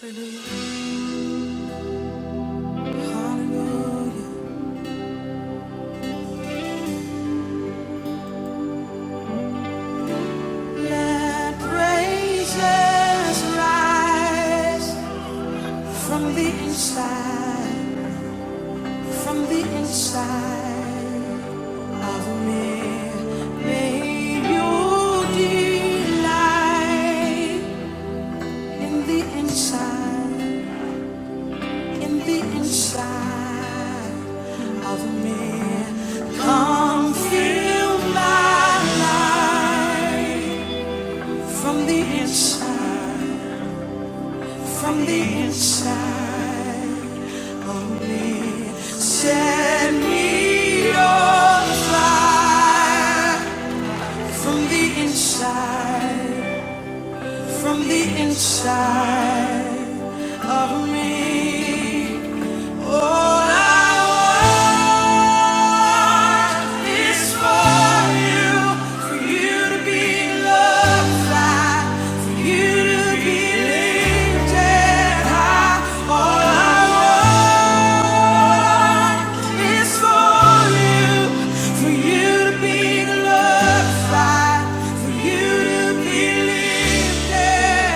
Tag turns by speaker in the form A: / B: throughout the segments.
A: Hallelujah. Let praises rise from the inside, from the inside of me. May you delight in the inside, in the inside of me. Come fill my life from the inside, from the inside. Set me on fire from the inside, from the inside of me. For you to be lifted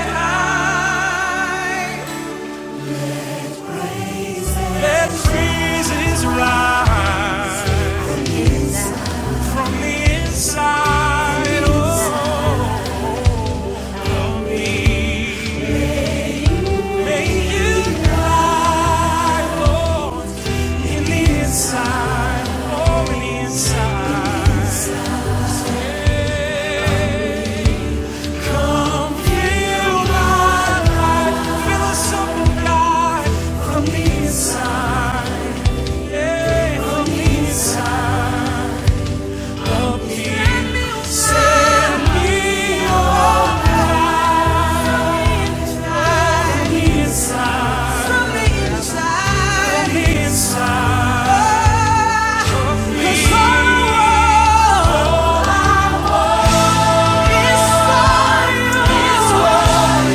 A: high. That freezes right from the inside of me. May you lie, in the inside, oh, in the inside. Come fill my life, fill us up, oh God, from the inside, yeah, from the inside of me. Set me on fire. From the inside. From the inside. Oh, 'cause all I want is for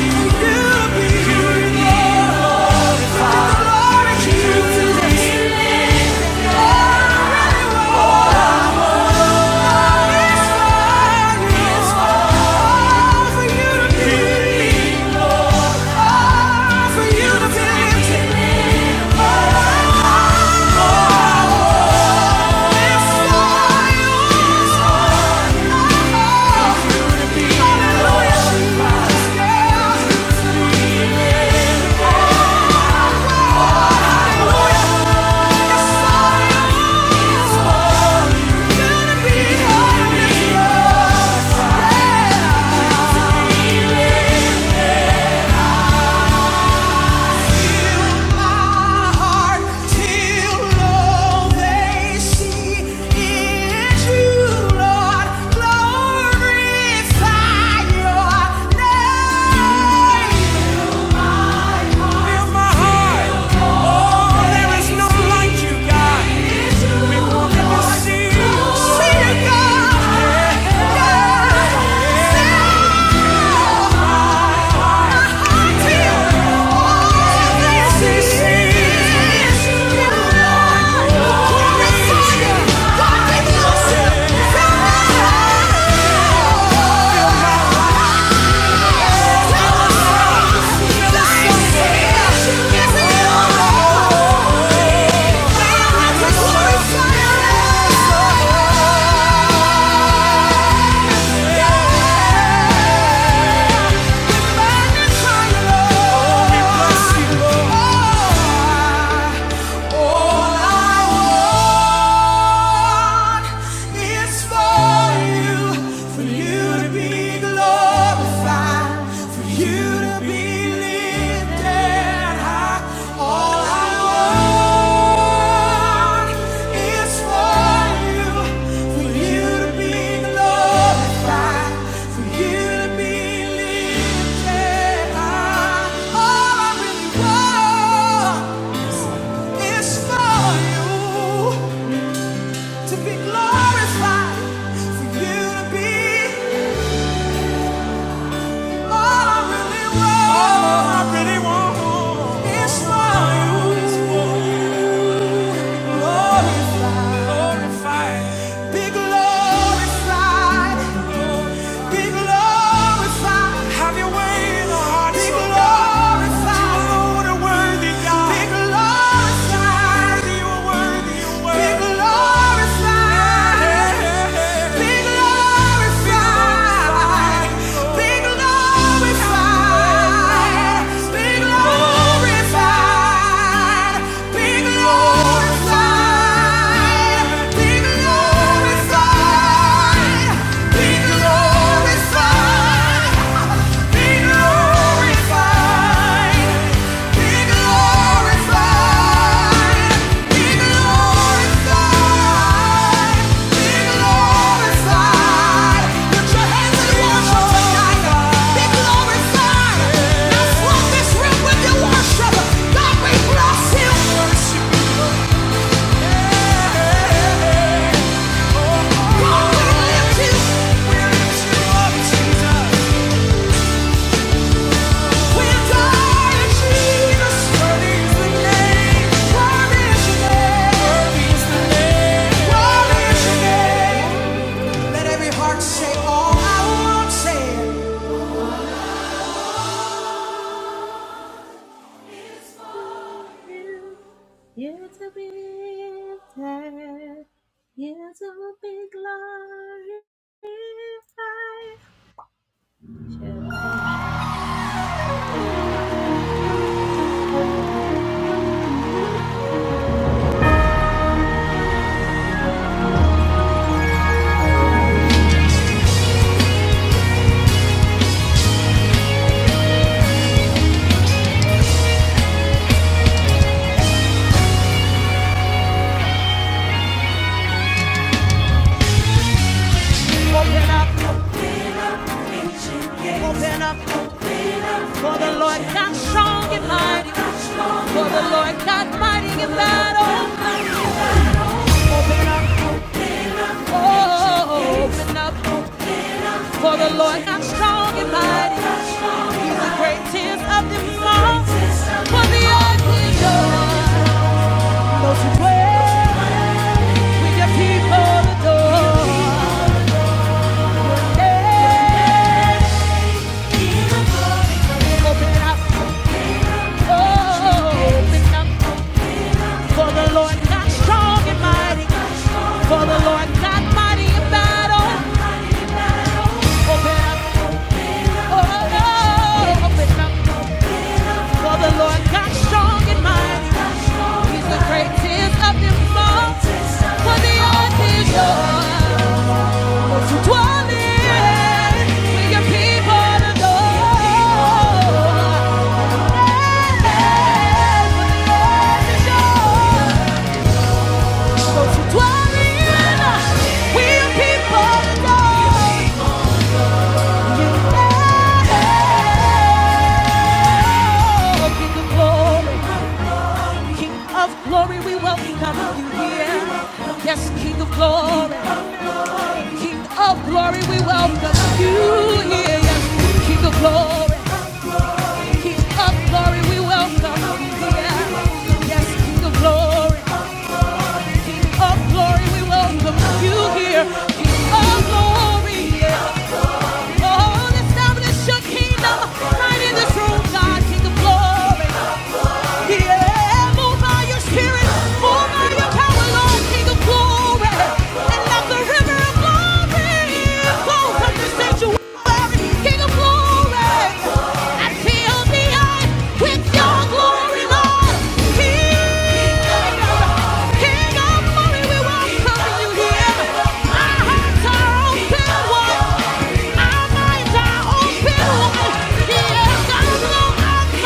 A: you. Is for you. You be glorified. You be glorified. Hallelujah. See you, God. Yeah. Yeah. Yeah. For you to be glorified, for you to be lifted to be Glorified for you to be All I really want, all I really want is for you. Is for you. Glorified, glorified, be glorified, be glorified. Have your way in the heart, be You are worthy, God. you are worthy glorified. Yeah. It's a big day. It's a big glory. Open up, open up, strong in my life. Oh, open up. For the Lord God strong and mighty. He's the greatest of them all. For the earth is yours. Those who dwell with your people adore. Yeah. Open it up. Oh, open it up. For the Lord God strong and mighty. For the Lord God mighty in battle. Open it up. Oh, oh, open it up. For the Lord God strong and mighty. He's the greatest of them all. For the earth is yours to dwell in. For your people to adore. For the earth is yours to dwell in. We your people to adore. You. Give the glory. King of glory, we welcome you here. Yes, King of glory, King of glory, we welcome you here. Yes, King of glory, King of glory, we welcome you here. Yes, King of glory, King of glory, we welcome you here. King of glory, yeah. Oh, establish your kingdom right in this room, God, King of glory. Yeah, move by your spirit, move by your power, Lord, King of glory. And let the river of glory flow from the sanctuary, King of glory. And fill the earth with your glory, Lord. King King of Glory, we welcome you here. Our hearts are open wide. Our minds are open wide. He has got no mind.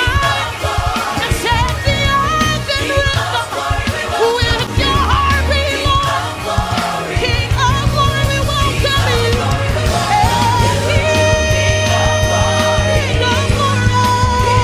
A: And set the odds in rhythm. With your heart below. King of Glory, we welcome you. King of glory, oh,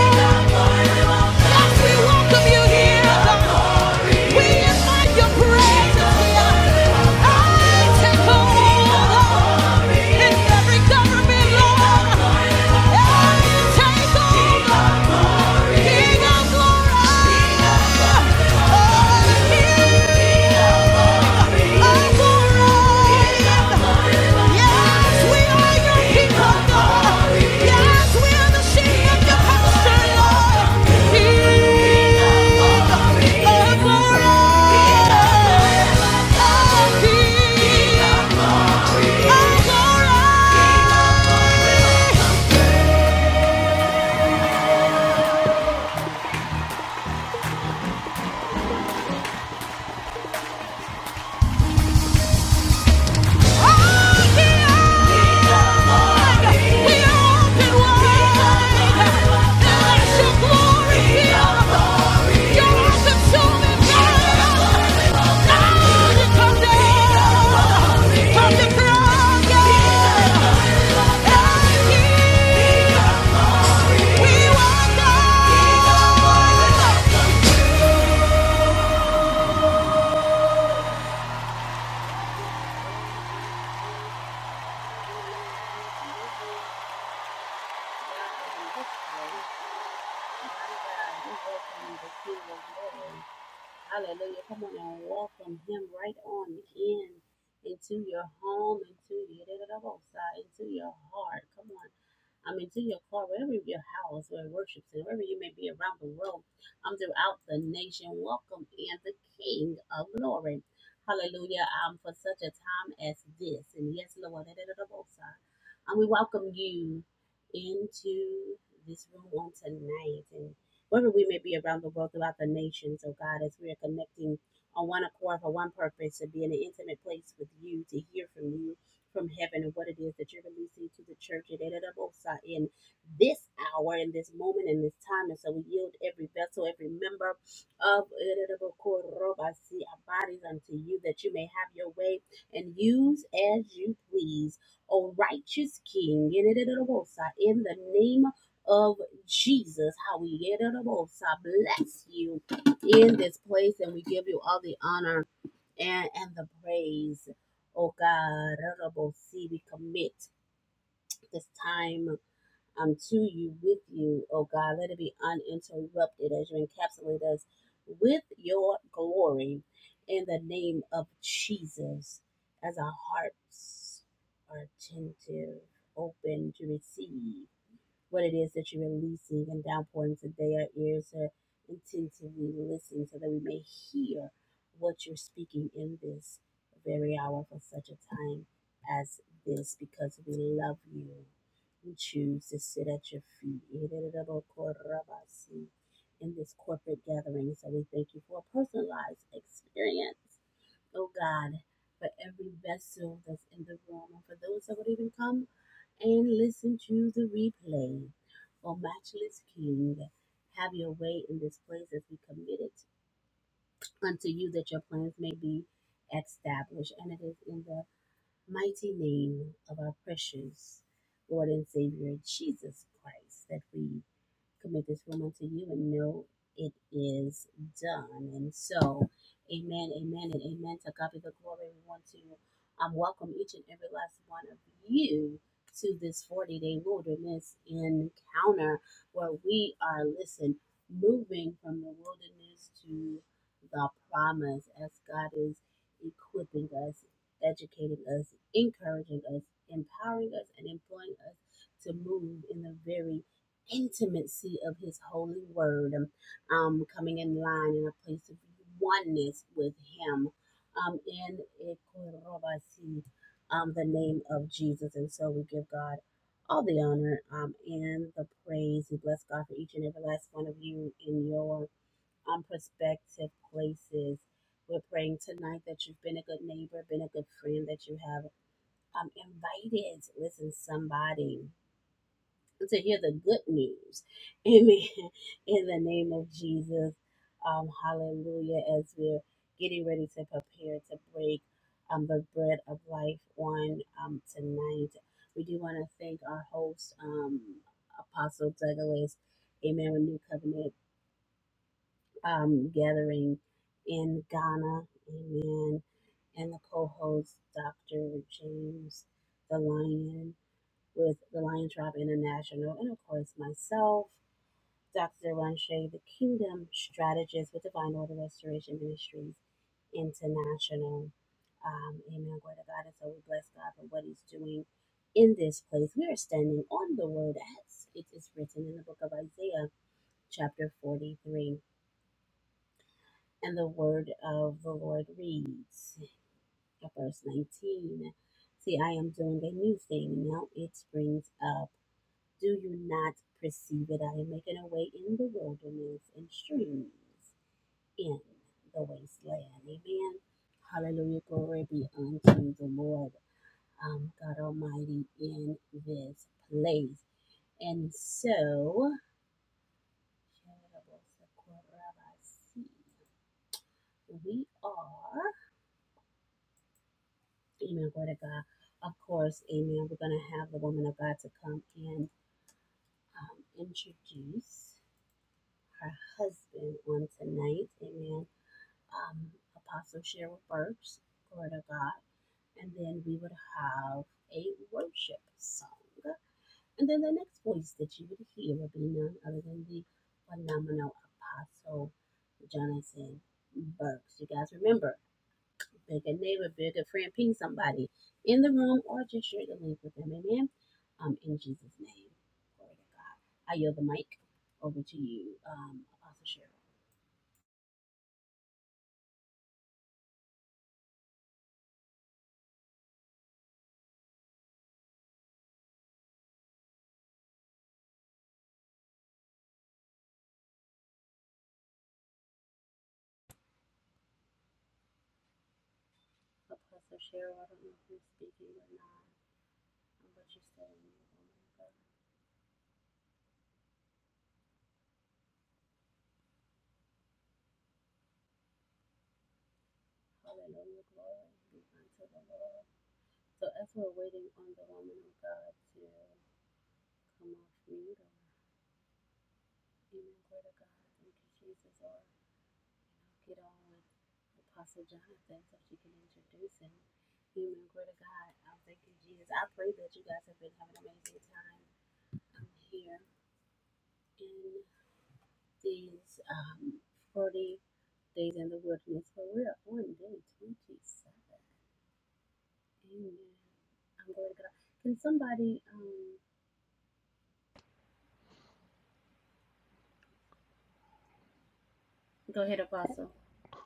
A: King Glory!
B: The Test, test one.
A: We will go.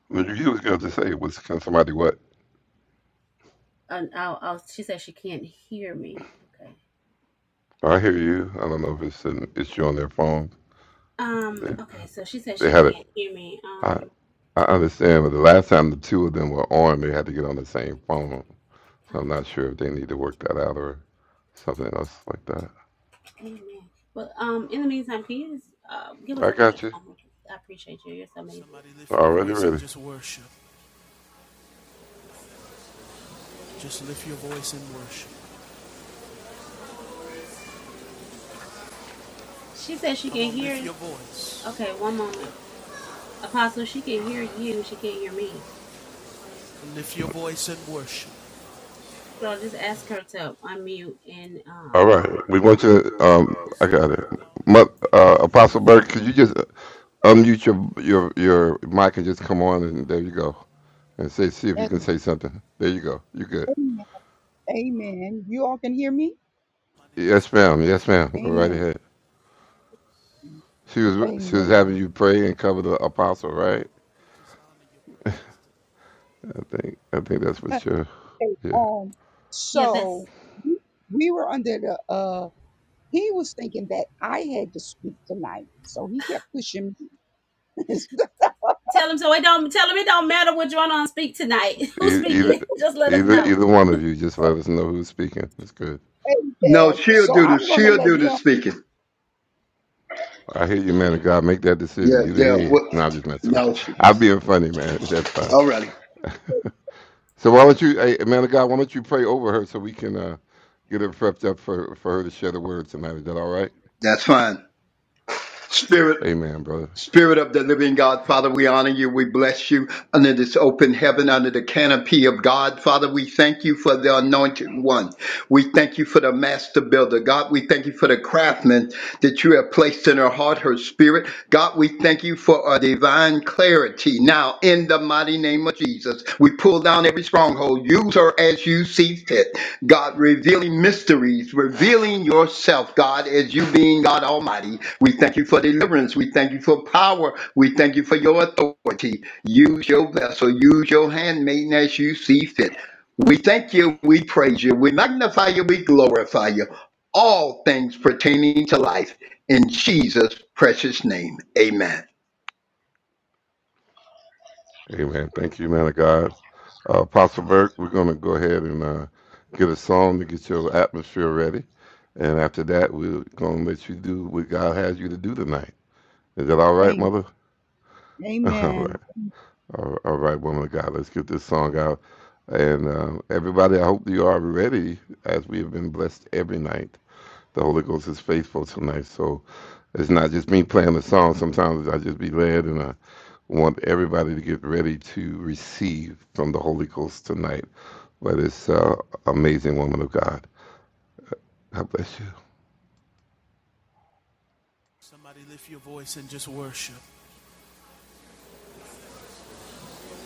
B: What you was going to say was can somebody what? I hear you. I don't know if it's an issue on their phone. They, they had it. I, I understand, but the last time the two of them were on, they had to get on the same phone. So I'm not sure if they need to work that out or something else like that. I got you. Somebody lift your Already voice and ready. just worship. Just lift your voice and worship. Come on, lift your voice. Lift your voice and worship. All right, we want you. To, um, I got it. Mo- uh, Apostle Burke, could you just uh, unmute your your your mic and just come on and there you go, and say see if you can
C: Amen.
B: say something. There you go. You good?
C: Amen. You all can hear me?
B: Yes, ma'am. Yes, ma'am. Go right
C: Amen.
B: ahead. She was she was having
C: Amen.
B: you pray and cover the apostle, right? I think I think that's what you're.
C: Okay,
B: Yeah.
C: um, so we we were under the uh he was thinking that I had to speak tonight. So he kept pushing me. So,
B: E- Either either either one of you, just let us know who's speaking. That's good.
D: No,
C: Amen.
D: she'll
C: So
D: do the
C: I'm gonna
D: she'll
C: let
D: do the
C: him
D: speaking.
B: I hear you, man of God. Make that
D: Yeah,
B: decision. You the
D: yeah.
B: head.
D: What?
B: No, I'm just messing with
D: No,
B: you.
D: she.
B: I'm being funny, man. That's fine.
D: Alrighty,
B: So why don't you, hey, man of God, why don't you pray over her so we can uh, get her prepped up for, for her to share the word tonight? Is that all right?
D: that's fine. Spirit,
B: Amen, brother.
D: Spirit of the Living God, Father, we honor you. We bless you under this open heaven, under the canopy of God, Father. We thank you for the Anointed One. We thank you for the Master Builder, God. We thank you for the craftsman that you have placed in her heart, her spirit, God. We thank you for a divine clarity now in the mighty name of Jesus. We pull down every stronghold. Use her as you see fit. God, revealing mysteries, revealing yourself, God, as you being God Almighty. We thank you for deliverance. We thank you for power. We thank you for your authority. Use your vessel, use your handmaiden as you see fit. We thank you, we praise you, we magnify you, we glorify you. All things pertaining to life. In Jesus' precious name, amen.
B: Amen. Thank you, man of God. Uh, Apostle Burke, we're going to go ahead and uh, get a song to get your atmosphere ready. And after that, we're going to let you do what God has you to do tonight. Is that all right,
C: Amen.
B: mother? All
C: Amen.
B: right. All all right, woman of God, let's get this song out. And uh, everybody, I hope you are ready as we have been blessed every night. The Holy Ghost is faithful tonight. So it's not just me playing the song. Sometimes I just be led, and I want everybody to get ready to receive from the Holy Ghost tonight. But it's uh, amazing woman of God. God bless you. Somebody lift your voice and just worship.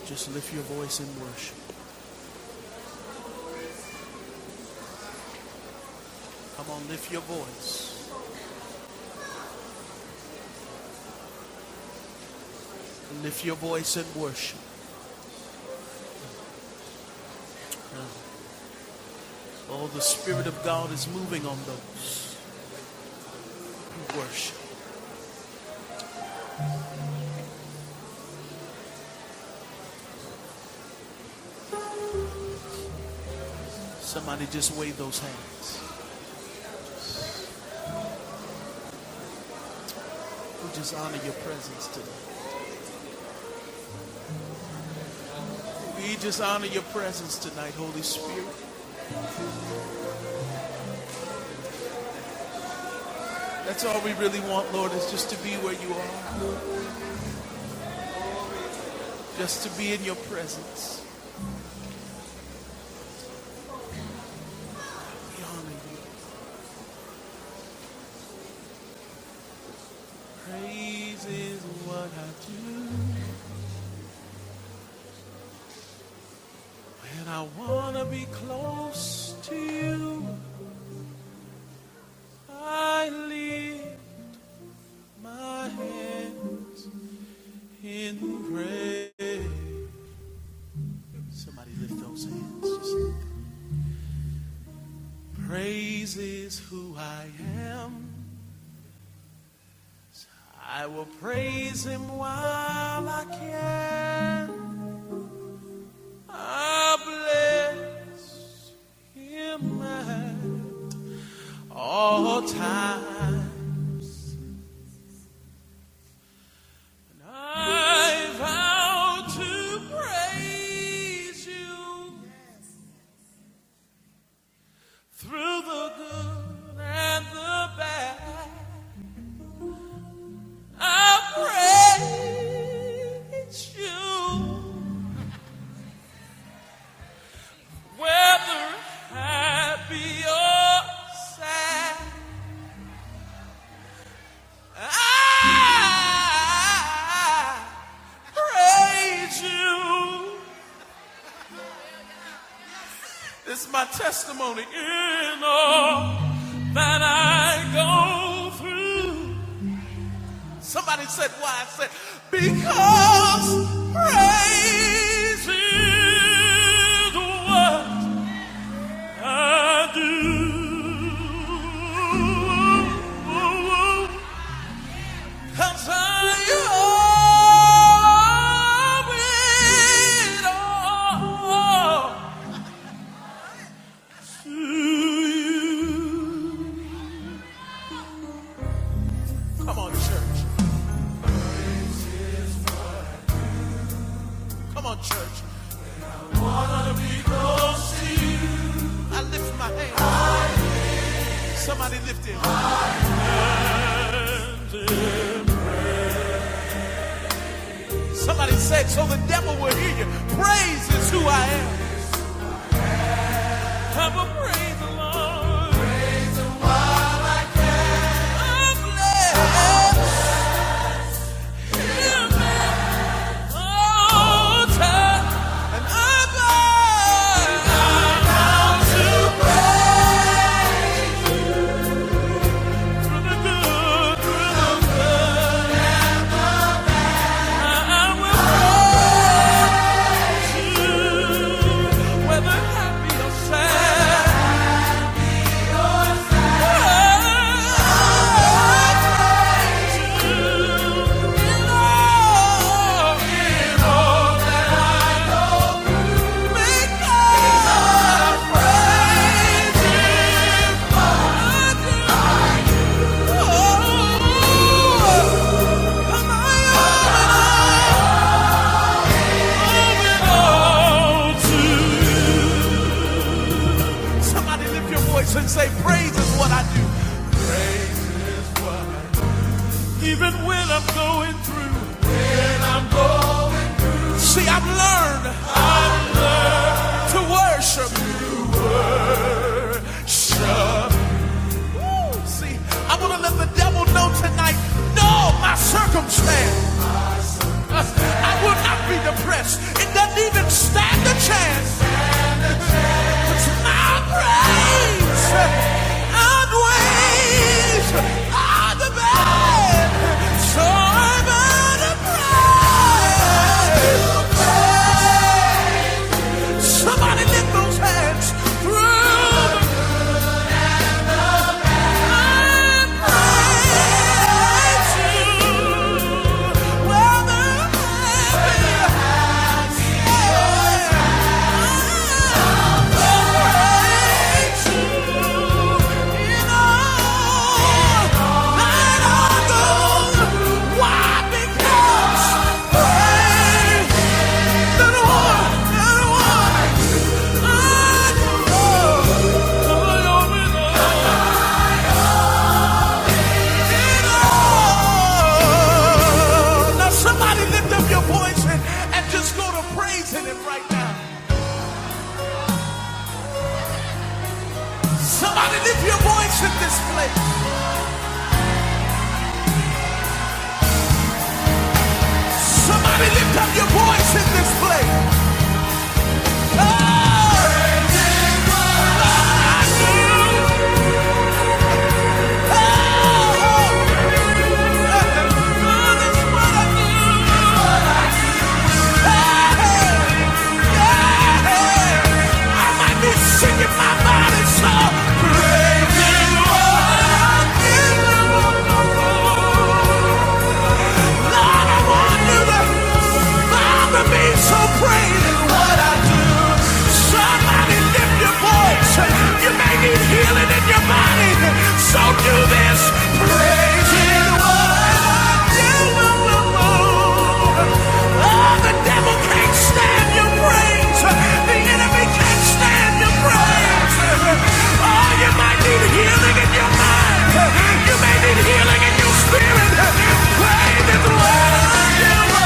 B: Just lift your voice and worship. Come on, lift your voice. Lift your voice and worship. Oh, the Spirit of God is moving on those who worship. Somebody just wave those hands. We just honor your presence today. We just honor your presence tonight, Holy Spirit. That's all we really want, Lord, is just to be where you are, just to be in your presence. We honor you. Praise is what I do. When I want to be close to you, I lift my hands in praise. Somebody lift those hands. Just praise is who I am. I will praise him while I can. I bless him at all times. I vow to praise you through the good and the bad. I praise you whether happy or sad. I praise you. This is my testimony in all that I go through. Somebody said why I said because praise is what I do. Come on, church. Come on, church. I lift my hand. Somebody lift it. Somebody said, so the devil will hear you. Praise is who I am. I will praise the Lord. I'm blessed. Make us praise Him. Somebody lift your voice and say, Praise is what I do. Even when I'm going through. See, I've learned, I've learned to worship you. Worship. Woo! See, I want to let the devil know tonight, no, my circumstance. my circumstance. Uh, I will not be depressed. It doesn't even stand a chance. Stand a chance. It's my praise outweighs all the bad. So I'm gonna praise. Somebody lift those hands through the Oh, Oh, Now somebody lift up your voice and and just go to praising Him right now. Somebody lift your voice in this place. Somebody lift up your voice in this place. I do. That's what I do. What I say. So do this, praise it, what I do. Oh, the devil can't stand your praise. The enemy can't stand your praise. Oh, you might need healing in your mind. You may need healing in your spirit. Pray that the Lord will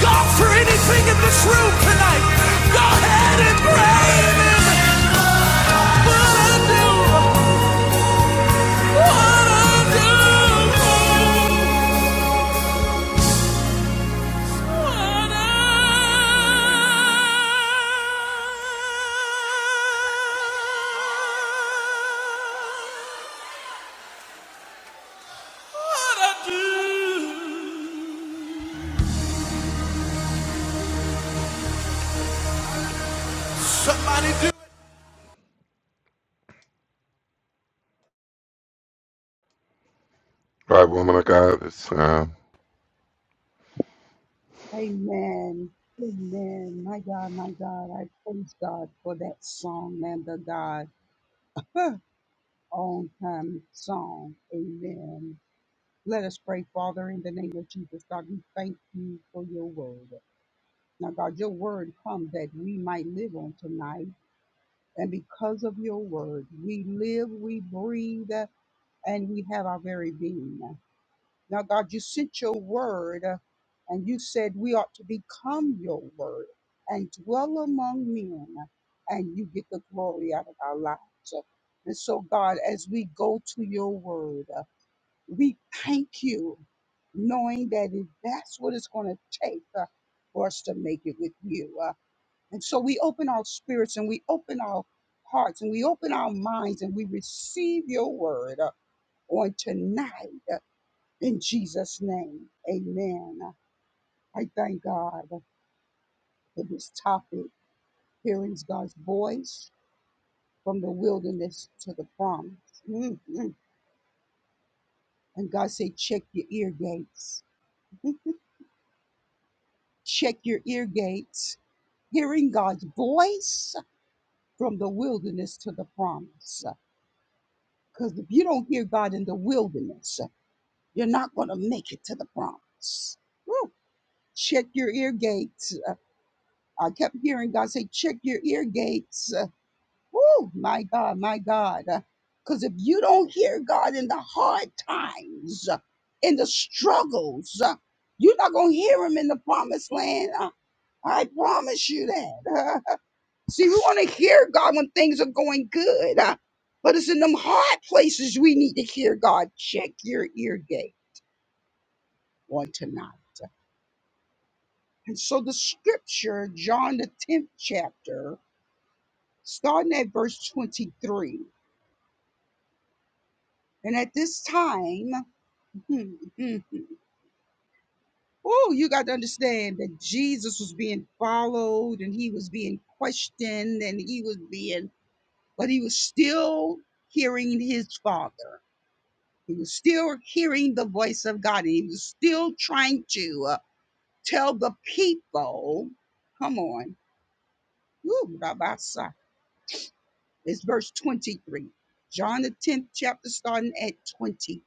B: God for Anything in this room tonight, go ahead and brave him. Somebody All right, woman of God, it's time.
C: Amen. Amen. My God, my God, I praise God for that song, man, the God on time song. Amen. Let us pray, Father, in the name of Jesus. God, we thank you for your word. Now, God, your word comes that we might live on tonight. And because of your word, we live, we breathe, uh, and we have our very being. Now, God, you sent your word, uh, and you said we ought to become your word and dwell among men, and you get the glory out of our lives. And so, God, as we go to your word. uh, we thank you, knowing that if that's what it's going to take uh, for us to make it with you. Uh, and so we open our spirits and we open our hearts and we open our minds and we receive your word uh, on tonight uh, in Jesus' name. Amen. I thank God for this topic, hearing God's voice from the wilderness to the promise. Mm, mm. And God said, check your ear gates. Check your ear gates hearing God's voice from the wilderness to the promise. Because if you don't hear God in the wilderness, you're not going to make it to the promise. Woo. Check your ear gates. Uh, I kept hearing God say, check your ear gates. Uh, Woo, my God, my God. Because if you don't hear God in the hard times, uh, in the struggles, uh, you're not going to hear him in the promised land. Uh, I promise you that. See, we want to hear God when things are going good. uh, but it's in them hard places we need to hear God. Check your ear gate on tonight. And so the scripture, John the 10th chapter, starting at verse 23. And at this time, oh, you got to understand that Jesus was being followed and he was being questioned and he was being, but he was still hearing his father. He was still hearing the voice of God. He was still trying to uh, tell the people, come on, Ooh, Rabasa. it's verse 23. John the 10th chapter, starting at 23.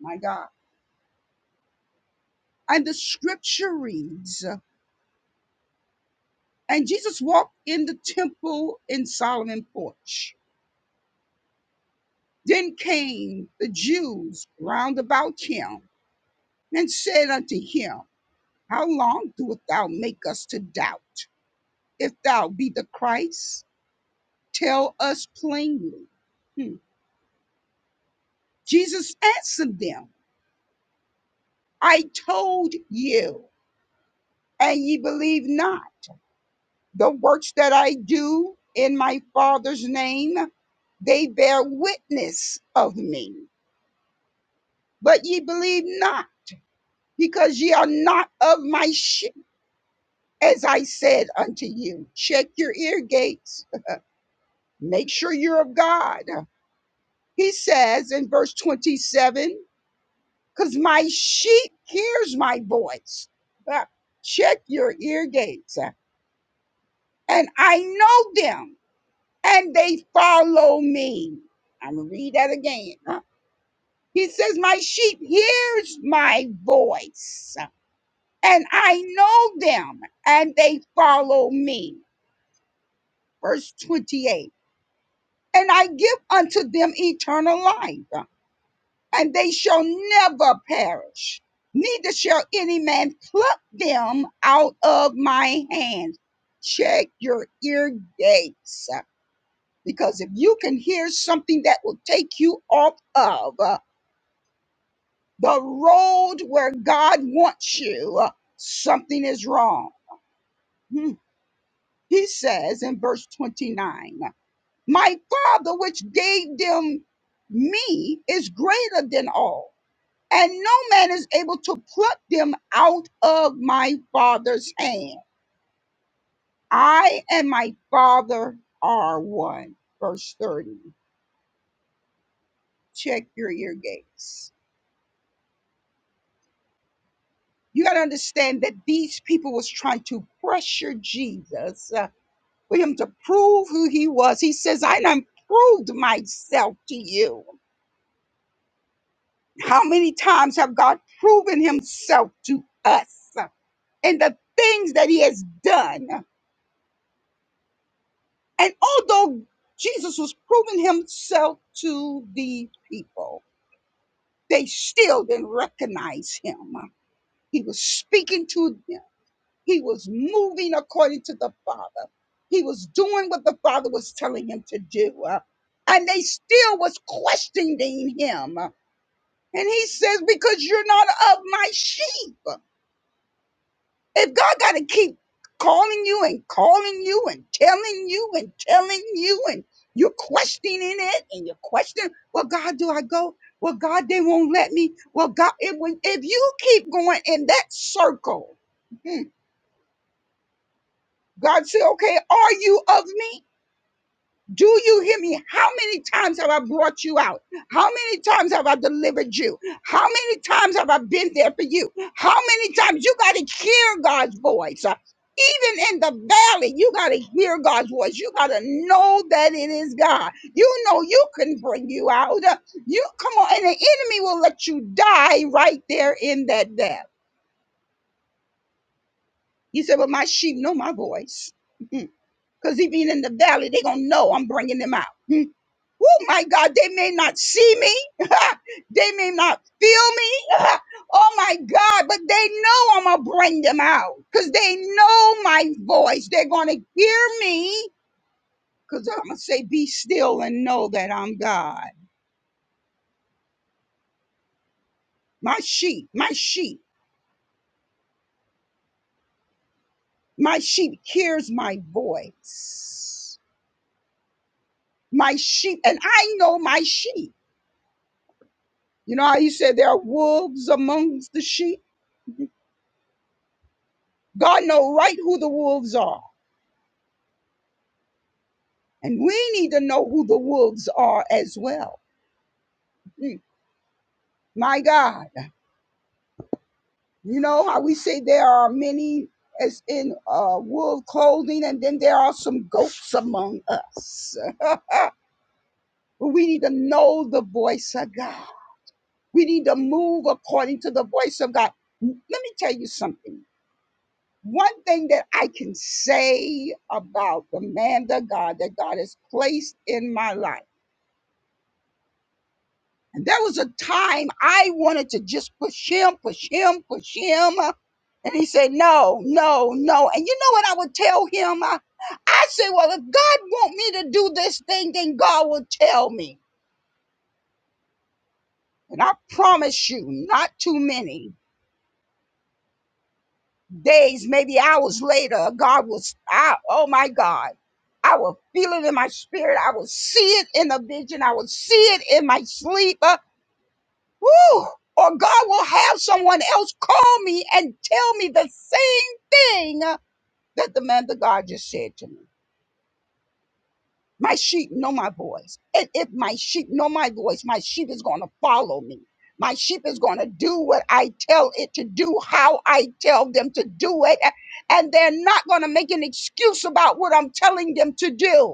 C: My God. And the scripture reads, and Jesus walked in the temple in Solomon's porch. Then came the Jews round about him and said unto him, How long doest thou make us to doubt? If thou be the Christ, tell us plainly. Hmm. Jesus answered them, I told you, and ye believe not. The works that I do in my Father's name, they bear witness of me. But ye believe not, because ye are not of my sheep, as I said unto you. Check your ear gates, make sure you're of God. He says in verse 27 because my sheep hears my voice. Uh, Check your ear gates, uh, and I know them, and they follow me. I'm gonna read that again. uh. He says, "My sheep hears my voice, uh, and I know them, and they follow me." Verse 28. And I give unto them eternal life, and they shall never perish. Neither shall any man pluck them out of my hand. Check your ear gates, uh, because if you can hear something that will take you off of uh, the road where God wants you, uh, something is wrong. Hmm. He says in verse 29 My Father, which gave them me, is greater than all and no man is able to pluck them out of my father's hand. I and my father are one. Verse 30. Check your ear gates. You got to understand that these people was trying to pressure Jesus uh, for him to prove who he was. He says, I done proved myself to you. How many times have God proven himself to us and the things that he has done? And although Jesus was proving himself to the people, they still didn't recognize him. He was speaking to them, he was moving according to the Father, he was doing what the Father was telling him to do. uh, And they still was questioning him. And he says, Because you're not of my sheep. If God got to keep calling you and calling you and telling you and telling you and you're questioning it and you're questioning, well, God, do I go? Well, God, they won't let me. Well, God, if, when- if you keep going in that circle, hmm, God said, okay, are you of me? Do you hear me? How many times have I brought you out? How many times have I delivered you? How many times have I been there for you? How many times you got to hear God's voice? Uh, Even in the valley, you got to hear God's voice. You got to know that it is God. You know you can bring you out. Uh, You come on, and the enemy will let you die right there in that valley. He said, Well, my sheep know my voice. Because even in the valley, they're going to know I'm bringing them out. Oh my God, they may not see me. they may not feel me. oh my God, but they know I'm going to bring them out because they know my voice. They're going to hear me because I'm going to say, Be still and know that I'm God. My sheep, my sheep, my sheep hears my voice. My sheep, and I know my sheep. You know how you said there are wolves amongst the sheep? God know right who the wolves are. And we need to know who the wolves are as well. Mm, My God. You know how we say there are many as in uh, wolf clothing, and then there are some goats among us. But we need to know the voice of God. We need to move according to the voice of God. Let me tell you something. One thing that I can say about the man of God that God has placed in my life. And there was a time I wanted to just push him, push him, push him. uh, And he said, No, no, no. And you know what I would tell him? Uh, I said, Well, if God want me to do this thing, then God will tell me. And I promise you, not too many days, maybe hours later, God was, I, oh my God. I will feel it in my spirit. I will see it in a vision. I will see it in my sleep. Woo! Or God will have someone else call me and tell me the same thing that the man of God just said to me. My sheep know my voice. And if my sheep know my voice, my sheep is going to follow me. My sheep is going to do what I tell it to do, how I tell them to do it. a- And they're not going to make an excuse about what I'm telling them to do.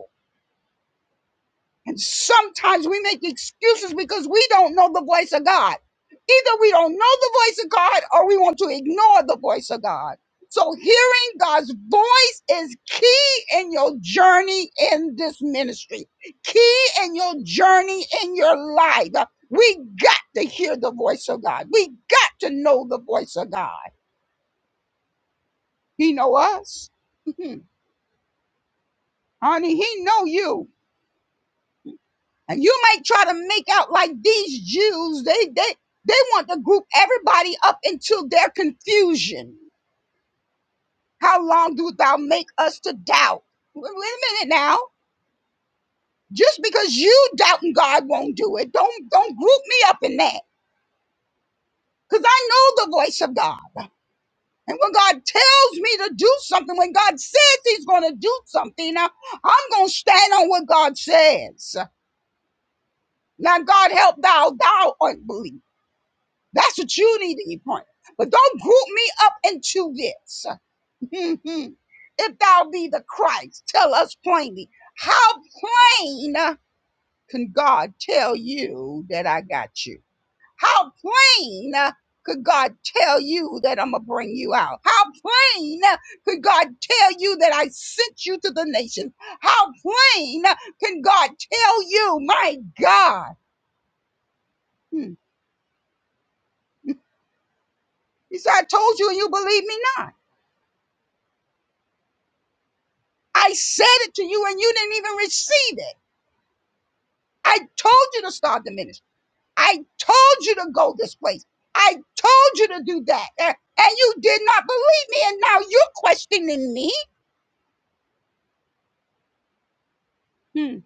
C: And sometimes we make excuses because we don't know the voice of God. Either we don't know the voice of God or we want to ignore the voice of God. So hearing God's voice is key in your journey in this ministry, key in your journey in your life. We got to hear the voice of God. We got to know the voice of God. He know us. Honey, he know you. And you might try to make out like these Jews, they they they want to group everybody up into their confusion. How long do thou make us to doubt? Wait a minute now. Just because you doubting God won't do it, don't don't group me up in that. Because I know the voice of God. And when God tells me to do something, when God says he's gonna do something, now I'm gonna stand on what God says. Now God help thou thou unbelief. That's what you need to be pointing. But don't group me up into this. if thou be the Christ, tell us plainly. How plain uh, can God tell you that I got you? How plain uh, could God tell you that I'm going to bring you out? How plain uh, could God tell you that I sent you to the nations? How plain uh, can God tell you, my God? Hmm. He said, I told you and you believe me not. I said it to you and you didn't even receive it. I told you to start the ministry. I told you to go this place. I told you to do that. A- And you did not believe me. And now you're questioning me. Hmm.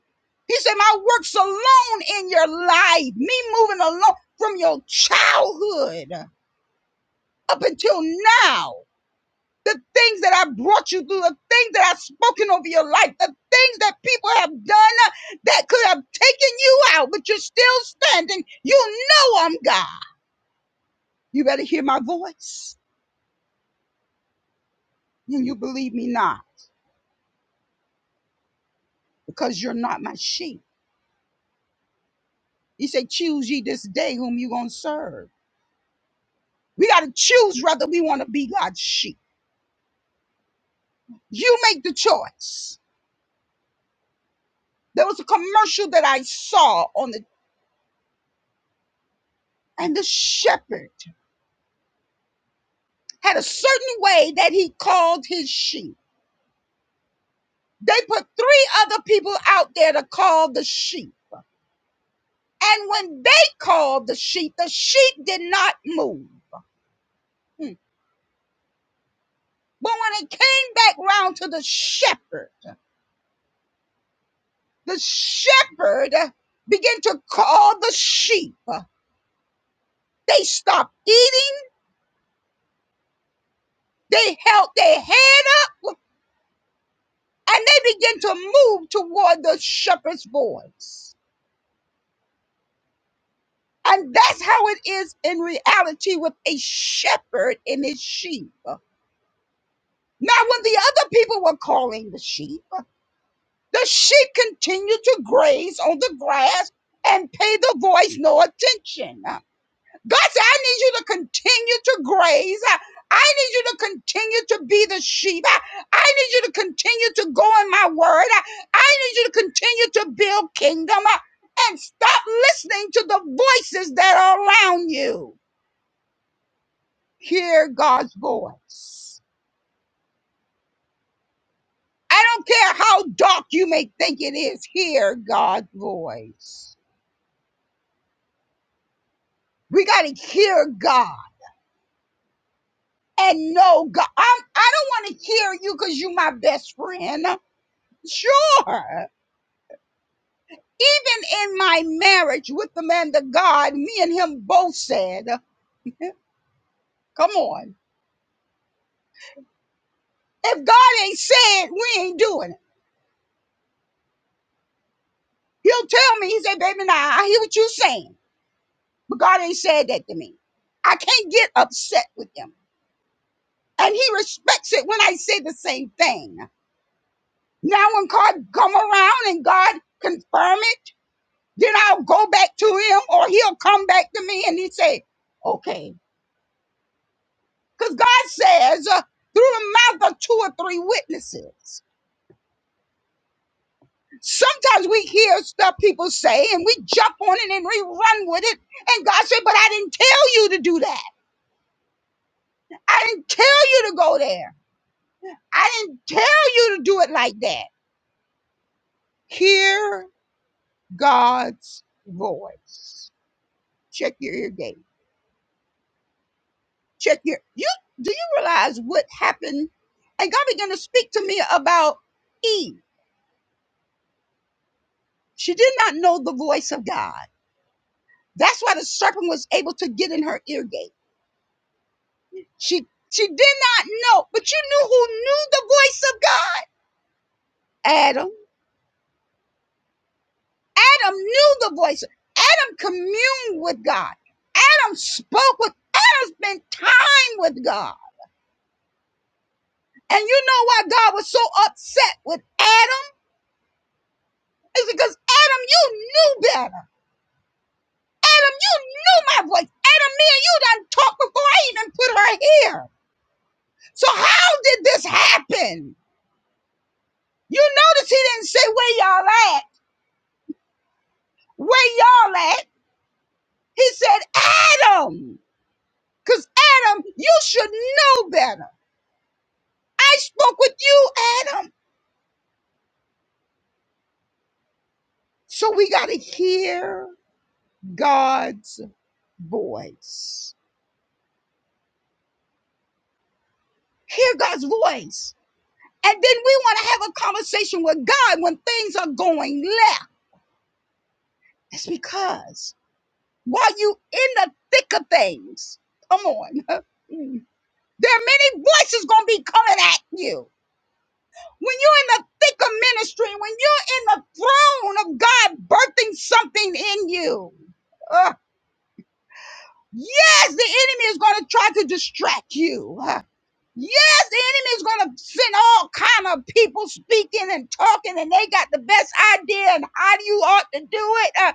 C: He said, My works alone in your life, me moving along from your childhood up until now. the things that I brought you through, the things that I've spoken over your life, the things that people have done uh, that could have taken you out, but you're still standing. You know I'm God. You better hear my voice and you believe me not because you're not my sheep. He said, Choose ye this day whom you going to serve. We got to choose whether we want to be God's sheep. You make the choice. There was a commercial that I saw on the, and the shepherd had a certain way that he called his sheep. They put three other people out there to call the sheep. And when they called the sheep, the sheep did not move. Hmm. But when it came back round to the shepherd, the shepherd began to call the sheep. They stopped eating, they held their head up, and they began to move toward the shepherd's voice. And that's how it is in reality with a shepherd and his sheep. Now, when the other people were calling the sheep, the sheep continued to graze on the grass and pay the voice no attention. God said, I need you to continue to graze. I need you to continue to be the sheep. I need you to continue to go in my word. I need you to continue to build kingdom uh, and stop listening to the voices that are around you. Hear God's voice. I don't care how dark you may think it is, hear God's voice. We got to hear God and know God. I'm, I don't want to hear you because you're my best friend. Sure. Even in my marriage with the man of God, me and him both said, come on. If God ain't said, we ain't doing it. He'll tell me, he said, baby, now I hear what you're saying, but God ain't said that to me. I can't get upset with him. And he respects it when I say the same thing. Now, when God come around and God confirm it, then I'll go back to him, or he'll come back to me and he say, "Okay," because God says uh, through the mouth of two or three witnesses. Sometimes we hear stuff people say and we jump on it and we run with it, and God said, "But I didn't tell you to do that. I didn't tell you to go there. I didn't tell you to do it like that." Hear God's voice. Check your ear gate. check here. You do you realize what happened? And God began to speak to me about Eve. She did not know the voice of God. That's why the serpent was able to get in her ear gate. She she did not know, but you knew who knew the voice of God? Adam. Adam knew the voice. Adam communed with God. Adam spoke with Adam spent time with God. And you know why God was so upset with Adam? It's because Adam, you knew better. Adam, you knew my voice. Adam, me and you done talked before I even put her here. So how did this happen? You notice he didn't say where y'all at. Where y'all at? He said Adam. Because Adam, you should know better. I spoke with you, Adam. So we got to hear God's voice. Hear God's voice. And then we want to have a conversation with God when things are going left. It's because while you in the thick of things. Come on. Mm. There are many voices gonna be coming at you. When you're in the thick of ministry, when you're in the throne of God birthing something in you, uh, yes, the enemy is gonna try to distract you. Uh, yes, the enemy is gonna send all kind of people speaking and talking, and they got the best idea and how you ought to do it. Uh,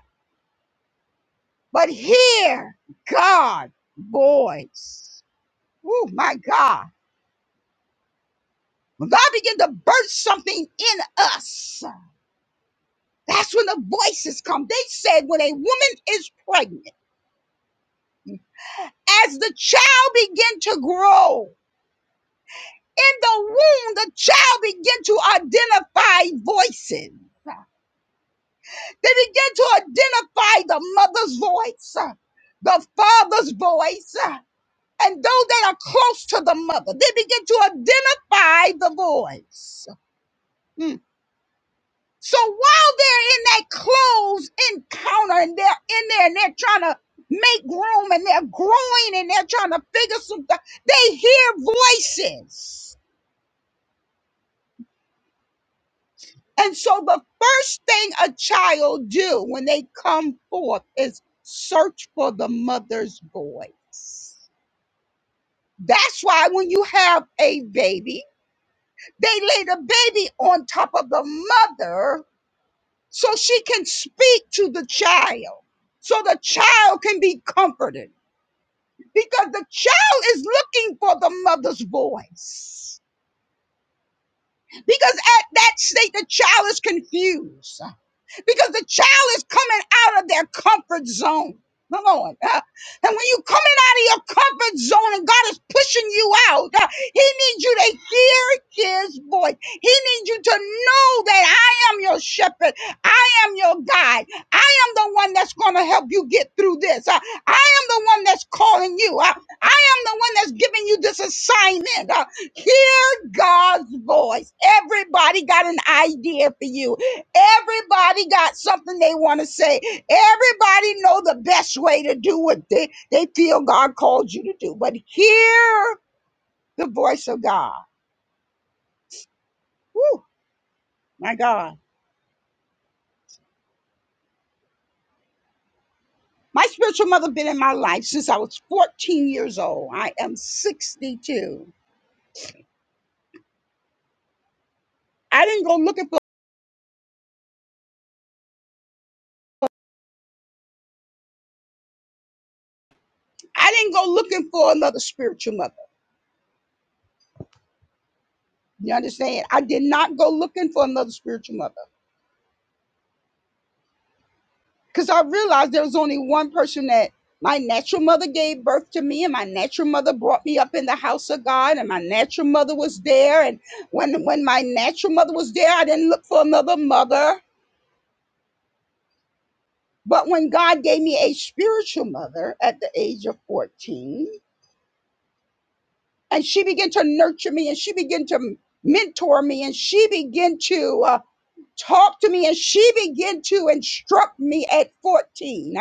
C: but hear God voice. Oh my God. When God began to birth something in us, that's when the voices come. They said when a woman is pregnant, as the child began to grow, in the womb, the child began to identify voices. They began to identify the mother's voice, the father's voice, and those that are close to the mother. They begin to identify the voice. Hmm. So while they're in that closed encounter and they're in there and they're trying to make room and they're growing and they're trying to figure something, they hear voices. And so the first thing a child do when they come forth is search for the mother's voice. That's why when you have a baby, they lay the baby on top of the mother so she can speak to the child, so the child can be comforted. Because the child is looking for the mother's voice. Because at that state, the child is confused because the child is coming out of their comfort zone. Come on. uh, and when you coming out of your comfort zone and God is pushing you out, uh, He needs you to hear His voice. He needs you to know that I am your shepherd. I am your guide. I am the one that's going to help you get through this. Uh, I am the one that's calling you. Uh, I am the one that's giving you this assignment. Uh, hear God's voice. Everybody got an idea for you. Everybody got something they want to say. Everybody know the best way to do what they, they feel God called you to do. But hear the voice of God. Woo, my God. My spiritual mother been in my life since I was 14 years old. I am 62. I didn't go looking for I didn't go looking for another spiritual mother. You understand? I did not go looking for another spiritual mother. because I realized there was only one person that my natural mother gave birth to me, and my natural mother brought me up in the house of God, and my natural mother was there. And when when my natural mother was there, I didn't look for another mother. But when God gave me a spiritual mother at the age of 14, and she began to nurture me, and she began to mentor me, and she began to uh, talk to me, and she began to instruct me at 14.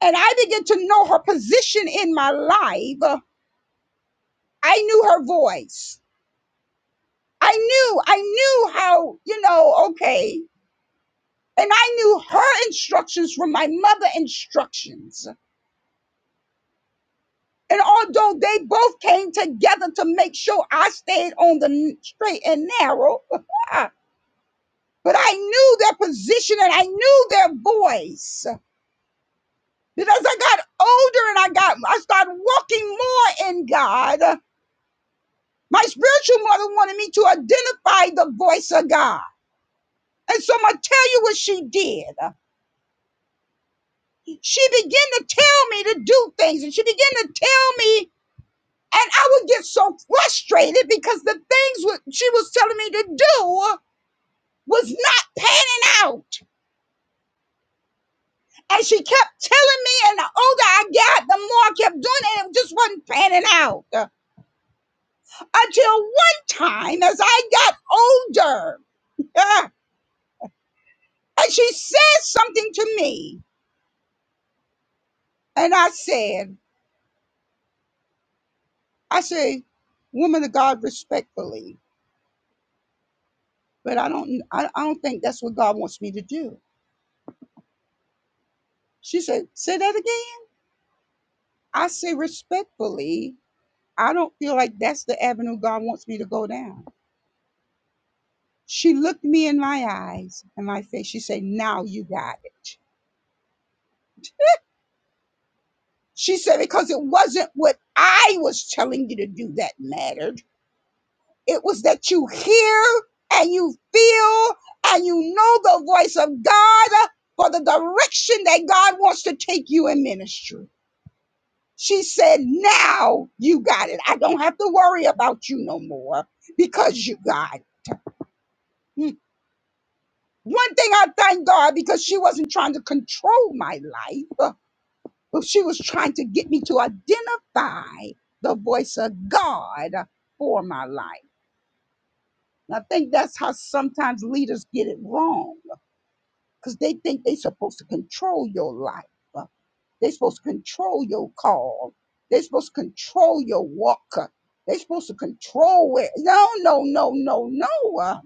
C: And I began to know her position in my life. I knew her voice. I knew, I knew how, you know, okay. And I knew her instructions from my mother instructions. And although they both came together to make sure I stayed on the n- straight and narrow, but I knew their position and I knew their voice. Because I got older and I got I started walking more in God. My spiritual mother wanted me to identify the voice of God. And so I'm going to tell you what she did. She began to tell me to do things, and she began to tell me, and I would get so frustrated because the things what she was telling me to do was not panning out. And she kept telling me, and the older I got, the more I kept doing it, and it just wasn't panning out. Until one time, as I got older, uh, and she said something to me. And I said, I say, woman of God, respectfully, but I don't, I, I don't think that's what God wants me to do. She said, say that again. I say respectfully, I don't feel like that's the avenue God wants me to go down. She looked me in my eyes and my face. She said, now you got it. She said, because it wasn't what I was telling you to do that mattered. It was that you hear and you feel and you know the voice of God for the direction that God wants to take you in ministry. She said, Now you got it. I don't have to worry about you no more because you got it. Hmm. One thing I thank God because she wasn't trying to control my life, but she was trying to get me to identify the voice of God for my life. And I think that's how sometimes leaders get it wrong because they think they're supposed to control your life. Uh, They're supposed to control your call. They're supposed to control your walk. Uh, They're supposed to control it. No, no, no, no, no. Uh,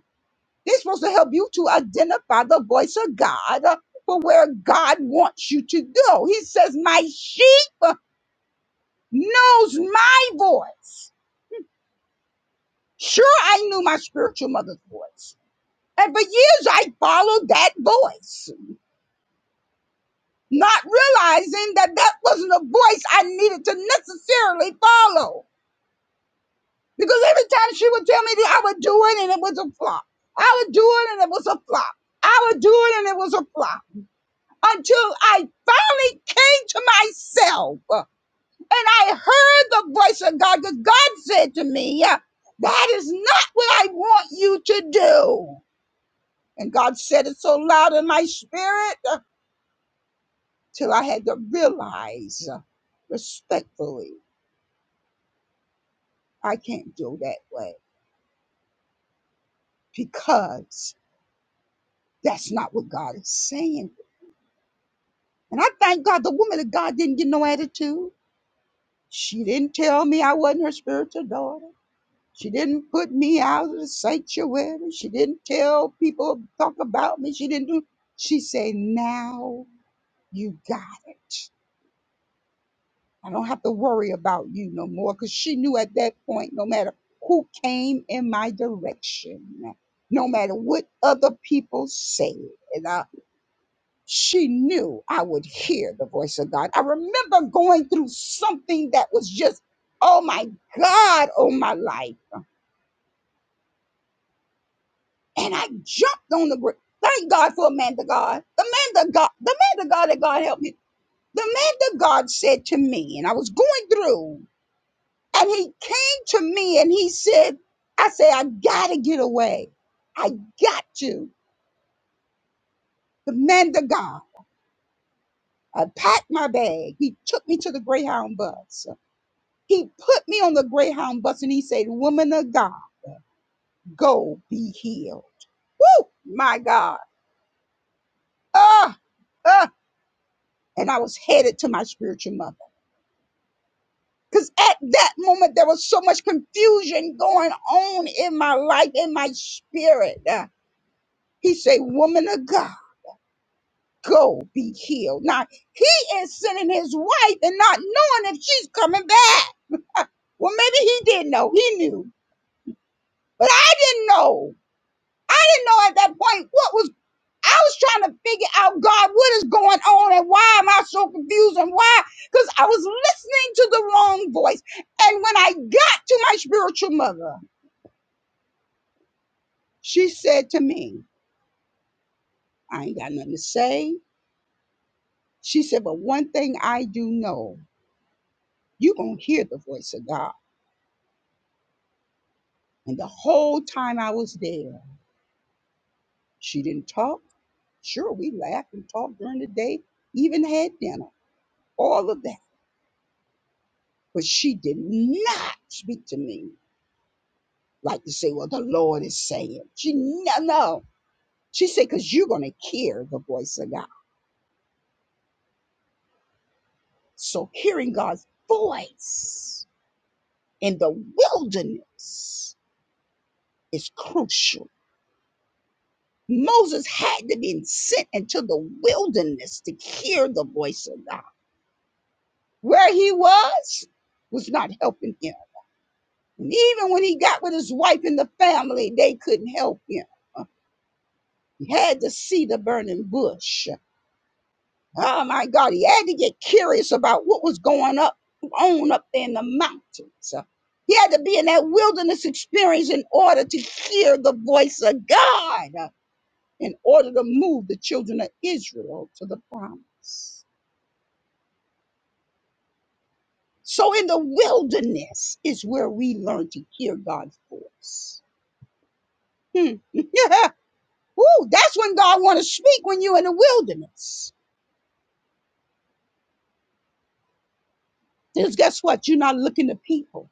C: They're supposed to help you to identify the voice of God uh, for where God wants you to go. He says, My sheep uh, knows my voice. Sure, I knew my spiritual mother's voice. And for years, I followed that voice. not realizing that that wasn't a voice I needed to necessarily follow. Because every time she would tell me that I would do it and it was a flop, I would do it and it was a flop, I would do it and it was a flop, until I finally came to myself uh, and I heard the voice of God. Because God said to me, uh, That is not what I want you to do. And God said it so loud in my spirit uh, till I had to realize uh, respectfully I can't do that way because that's not what God is saying. And I thank God the woman of God didn't get no attitude. She didn't tell me I wasn't her spiritual daughter. She didn't put me out of the sanctuary. She didn't tell people talk about me. She didn't do. She said, "Now you got it. I don't have to worry about you no more." Because she knew at that point, no matter who came in my direction, no matter what other people said, and I she knew I would hear the voice of God. I remember going through something that was just, oh my God, oh my life. And I jumped on the brick. Thank God for a man to God. The man to God, the man to God that God helped me. The man to God said to me, and I was going through, and he came to me and he said, I said, I gotta get away. I got to. The man to God. I packed my bag. He took me to the Greyhound bus. He put me on the Greyhound bus and he said, Woman of God, go be healed. Woo! My God. Ah, ah. And I was headed to my spiritual mother. Because at that moment, there was so much confusion going on in my life, in my spirit. Uh, he said, Woman of God, go be healed. Now, he is sending his wife and not knowing if she's coming back. Uh, Well, maybe he did know. He knew. But I didn't know. I didn't know at that point what was I was trying to figure out, God, what is going on and why am I so confused and why? Because I was listening to the wrong voice. And when I got to my spiritual mother, she said to me, I ain't got nothing to say. She said, but one thing I do know, you're going to hear the voice of God. And the whole time I was there, she didn't talk. Sure, we laughed and talked during the day, even had dinner, all of that. But she did not speak to me like to say, well, the Lord is saying. She no, no. She said, because you're gonna hear the voice of God. So hearing God's voice in the wilderness is crucial. Moses had to be sent into the wilderness to hear the voice of God. Where he was was not helping him. And even when he got with his wife and the family, they couldn't help him. He had to see the burning bush. Oh my God, he had to get curious about what was going up on up there in the mountains. He had to be in that wilderness experience in order to hear the voice of God, uh, in order to move the children of Israel to the promise. So in the wilderness is where we learn to hear God's voice. Hmm. Yeah. Ooh, that's when God want to speak when you're in the wilderness. Because guess what? You're not looking to people,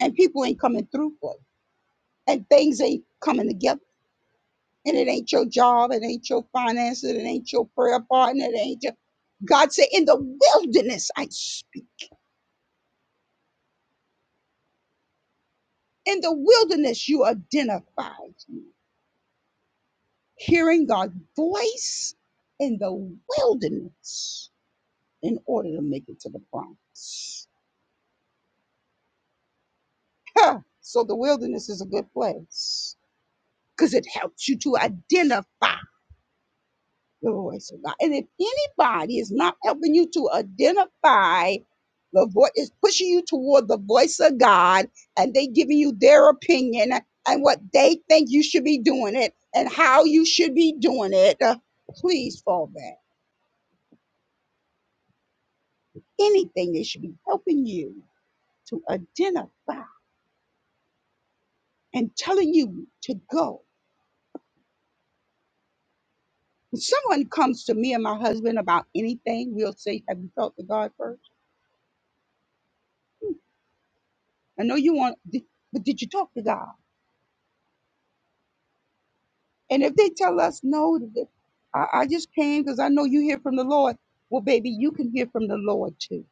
C: and people ain't coming through for you. and things ain't coming together. And it ain't your job, it ain't your finances, it ain't your prayer partner, it ain't your God said, in the wilderness I speak. In the wilderness you identify me. Hearing God's voice in the wilderness in order to make it to the promise. Huh. So the wilderness is a good place because it helps you to identify. Glory to God. And if anybody is not helping you to identify the voice, is pushing you toward the voice of God, and they giving you their opinion and what they think you should be doing it and how you should be doing it, uh, please fall back. Anything they should be helping you to identify and telling you to go. When someone comes to me and my husband about anything, we'll say, Have you talked to God first? I know you want, but did you talk to God? And if they tell us no, th- I, I just came because I know you hear from the Lord. Well, baby, you can hear from the Lord too.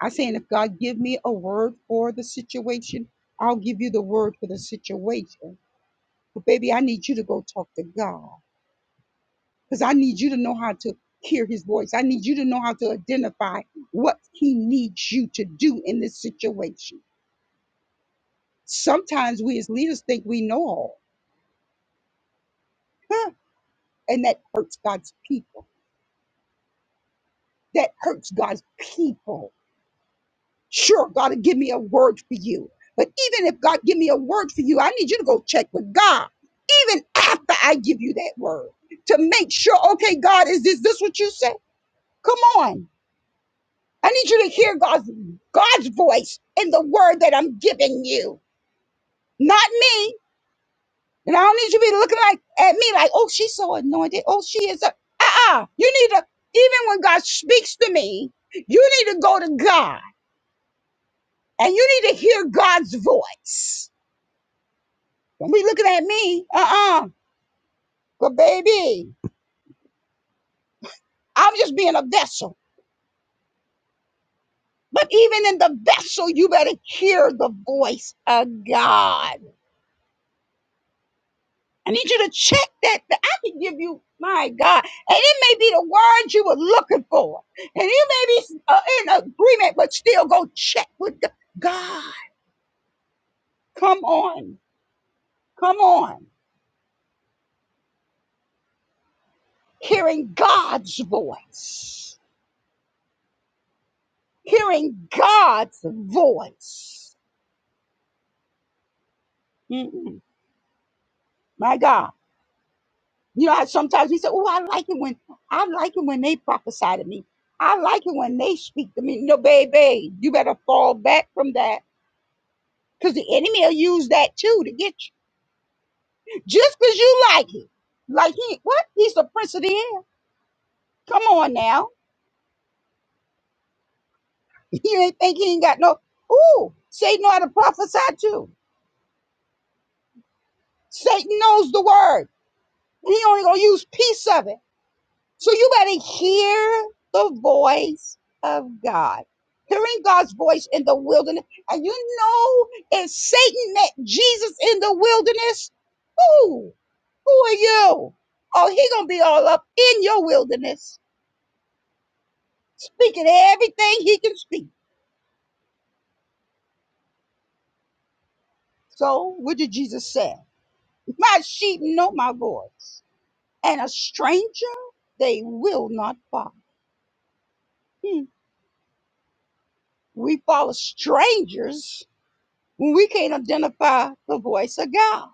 C: I saying if God give me a word for the situation, I'll give you the word for the situation. But baby, I need you to go talk to God because I need you to know how to hear His voice. I need you to know how to identify what He needs you to do in this situation. Sometimes we as leaders think we know all, huh? and that hurts God's people. That hurts God's people Sure, God will give me a word for you. But even if God give me a word for you, I need you to go check with God. Even after I give you that word to make sure, okay, God, is this this what you said? Come on. I need you to hear God's God's voice in the word that I'm giving you, not me. And I don't need you to be looking like at me like, oh, she's so anointed. Oh, she is a uh-uh. You need to, even when God speaks to me, you need to go to God and you need to hear God's voice Don't be looking at me. Uh-uh. But baby, I'm just being a vessel. But even in the vessel, you better hear the voice of God. I need you to check that. that I can give you, my God. And it may be the word you were looking for. And you may be uh, in agreement, but still go check with God. Come on. Come on. Hearing God's voice. Hearing God's voice. Mm-mm. My God. You know, how sometimes we say, "Oh, I like it when I like it when they prophesy to me. I like it when they speak to me." No, baby, you better fall back from that because the enemy will use that too to get you. Just because you like it, like he what? He's the prince of the air. Come on now, you ain't think he ain't got no. Ooh, Satan know how to prophesy too. Satan knows the word. He only gonna use piece of it. So you better hear the voice of God. Hearing God's voice in the wilderness. And you know, if Satan met Jesus in the wilderness, who? Who are you? Oh, he gonna be all up in your wilderness, speaking everything he can speak. So what did Jesus say? My sheep know my voice, and a stranger they will not follow. Hmm. We follow strangers when we can't identify the voice of God.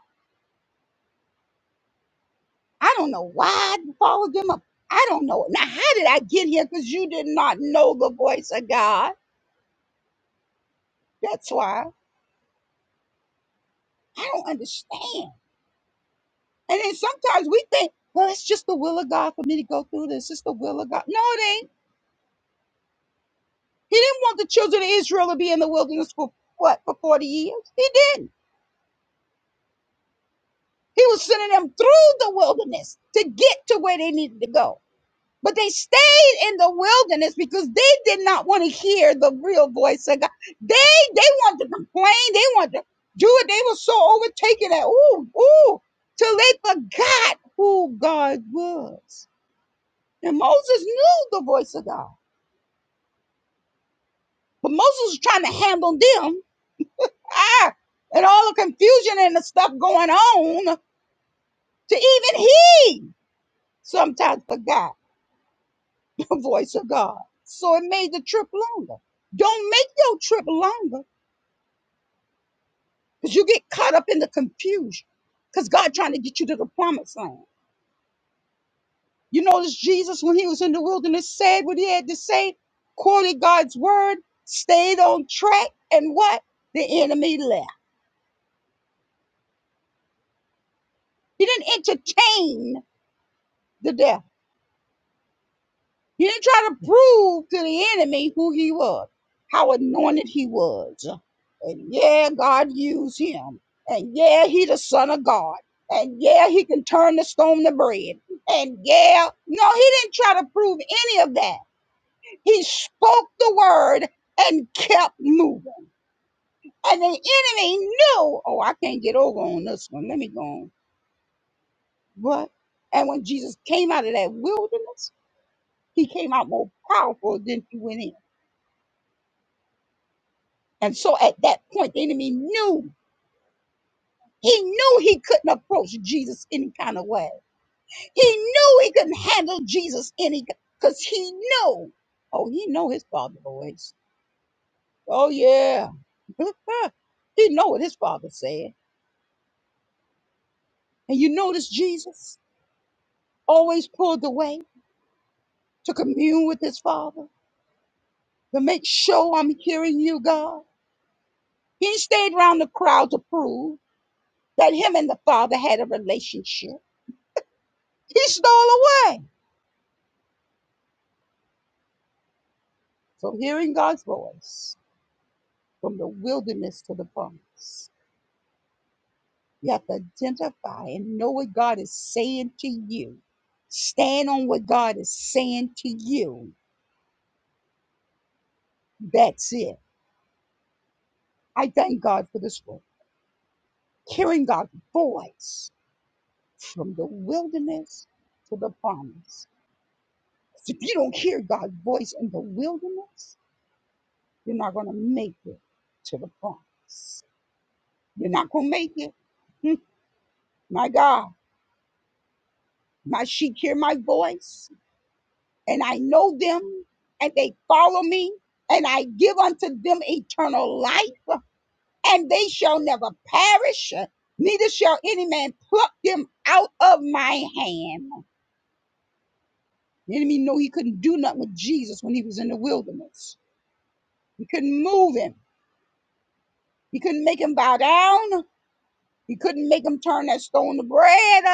C: I don't know why I followed them up. I don't know. Now, how did I get here? Because you did not know the voice of God. That's why I don't understand. And then sometimes we think, well, it's just the will of God for me to go through this. It's the will of God. No, it ain't. He didn't want the children of Israel to be in the wilderness for what, for 40 years? He didn't. He was sending them through the wilderness to get to where they needed to go. But they stayed in the wilderness because they did not want to hear the real voice of God. They they wanted to complain. They wanted to do it. They were so overtaken that ooh ooh till they forgot who God was. And Moses knew the voice of God, but Moses was trying to handle them. Ah, and all the confusion and the stuff going on to even he sometimes forgot the voice of God. So it made the trip longer. Don't make your trip longer Because you get caught up in the confusion. Because God trying to get you to the promised land. You notice Jesus, when he was in the wilderness, said what he had to say, quoted God's word, stayed on track, and what? The enemy left. He didn't entertain the devil. He didn't try to prove to the enemy who he was, how anointed he was. And yeah, God used him. And yeah, he the son of God. And yeah, he can turn the stone to bread. And yeah, no, he didn't try to prove any of that. He spoke the word and kept moving. And the enemy knew, oh, I can't get over on this one. Let me go on. What? And when Jesus came out of that wilderness, he came out more powerful than he went in. And so at that point, the enemy knew. He knew he couldn't approach Jesus any kind of way. He knew he couldn't handle Jesus any because he knew. Oh, he know his father voice. Oh yeah. he know what his father said. And you notice Jesus always pulled away to commune with his father to make sure I'm hearing you, God. He stayed around the crowd to prove that him and the father had a relationship. He stole away. From hearing God's voice, from the wilderness to the promise, you have to identify and know what God is saying to you. Stand on what God is saying to you. That's it. I thank God for this word. Hearing God's voice from the wilderness to the promise. 'Cause If you don't hear God's voice in the wilderness, you're not going to make it to the promise. You're not going to make it. Hmm, My God, my sheep hear my voice and I know them and they follow me and I give unto them eternal life and they shall never perish neither shall any man pluck them out of my hand. The enemy knew he couldn't do nothing with Jesus when he was in the wilderness. He couldn't move him. He couldn't make him bow down. He couldn't make him turn that stone to bread.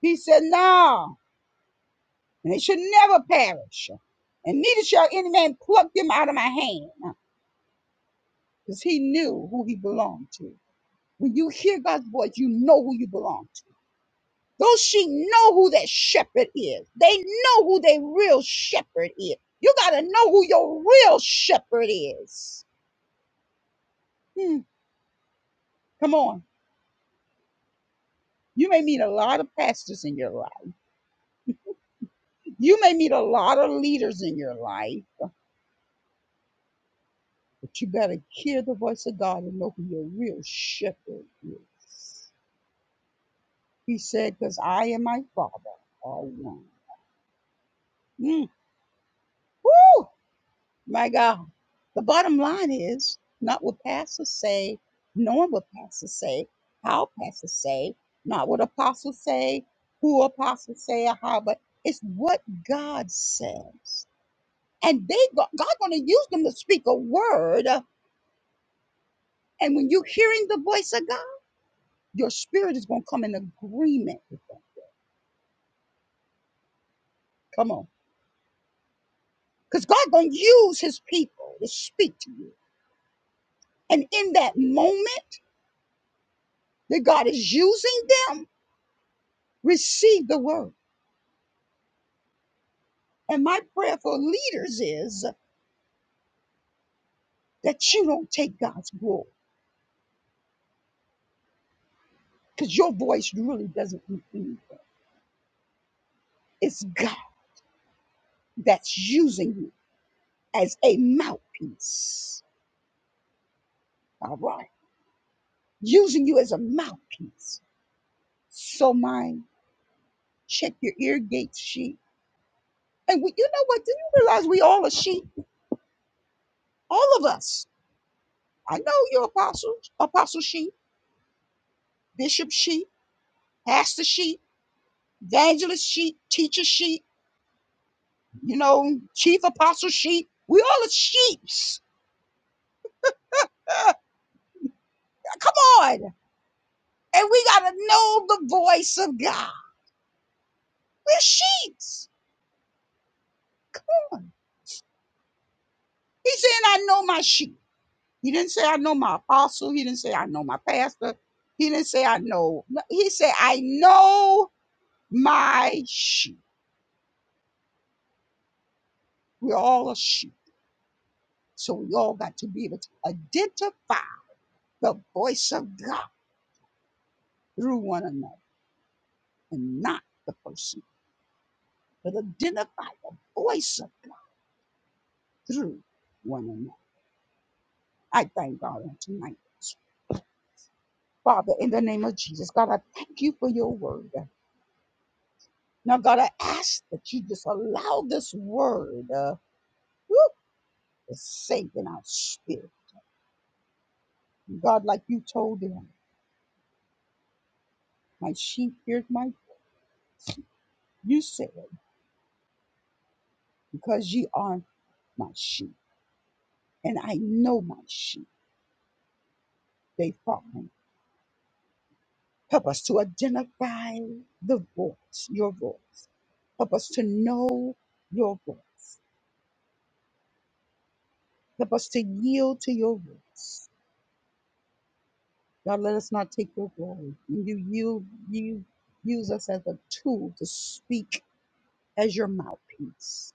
C: He said, no, and they should never perish. And neither shall any man pluck them out of my hand. because he knew who he belonged to. When you hear God's voice, you know who you belong to. Those sheep know who that shepherd is. They know who their real shepherd is. You got to know who your real shepherd is. Hmm, come on. You may meet a lot of pastors in your life. You may meet a lot of leaders in your life, but you got to hear the voice of God and know who your real shepherd is. He said, because I and my father are one. Mm. Woo! My God. The bottom line is not what pastors say, nor what pastors say, how pastors say, not what apostles say, who apostles say, or how, but it's what God says. And they go- God going to use them to speak a word. uh, And when you're hearing the voice of God, your spirit is going to come in agreement with them. Come on. Because God going to use his people to speak to you. And in that moment that God is using them, receive the word And my prayer for leaders is that you don't take God's glory because your voice really doesn't include. It's God that's using you as a mouthpiece. All right. Using you as a mouthpiece. So mine, check your ear gates, sheep. And we, you know what? Do you realize we all are sheep? All of us. I know you're apostles, apostle sheep, bishop sheep, pastor sheep, evangelist sheep, teacher sheep. you know, chief apostle sheep. We all are sheeps. Come on. And we got to know the voice of God. We're sheeps. He said, I know my sheep. He didn't say, I know my apostle. He didn't say, I know my pastor. He didn't say, I know. No, He said, I know my sheep. We all are sheep. So we all got to be able to identify the voice of God through one another and not the person, but identify the voice of God through one another. I thank God on tonight. Father, in the name of Jesus, God, I thank you for your word. Now, God, I ask that you just allow this word uh, woo, to sink in our spirit. God, like you told them, my sheep hear my voice. you said, because ye are my sheep, and I know my sheep, they follow me. Help us to identify the voice, your voice. Help us to know your voice. Help us to yield to your voice. God, let us not take your glory. You, you, you use us as a tool to speak as your mouthpiece.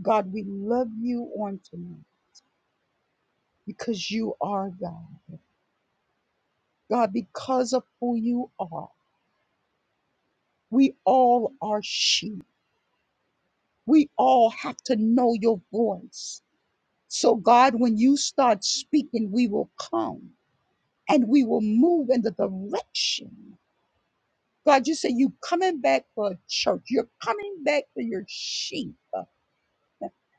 C: God, we love you on tonight because you are God. God, because of who you are, we all are sheep. We all have to know your voice. So, God, when you start speaking, we will come and we will move in the direction. God, you say you coming back for a church. You're coming back for your sheep.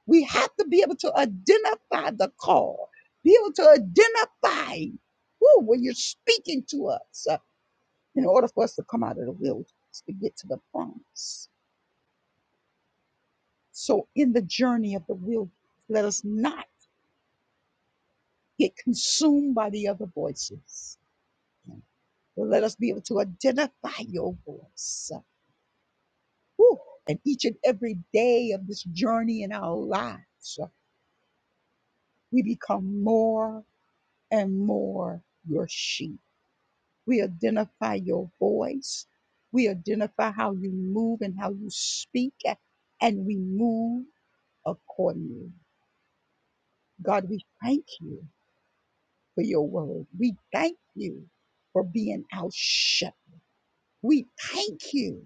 C: We have to be able to identify the call, be able to identify who when you're speaking to us uh, in order for us to come out of the wilderness to get to the promise. So in the journey of the wilderness, let us not get consumed by the other voices. But let us be able to identify your voice. uh, whew, And each and every day of this journey in our lives, uh, we become more and more your sheep We identify your voice. We identify how you move and how you speak, and we move accordingly. God, we thank you for your word. We thank you for being our shepherd. We thank you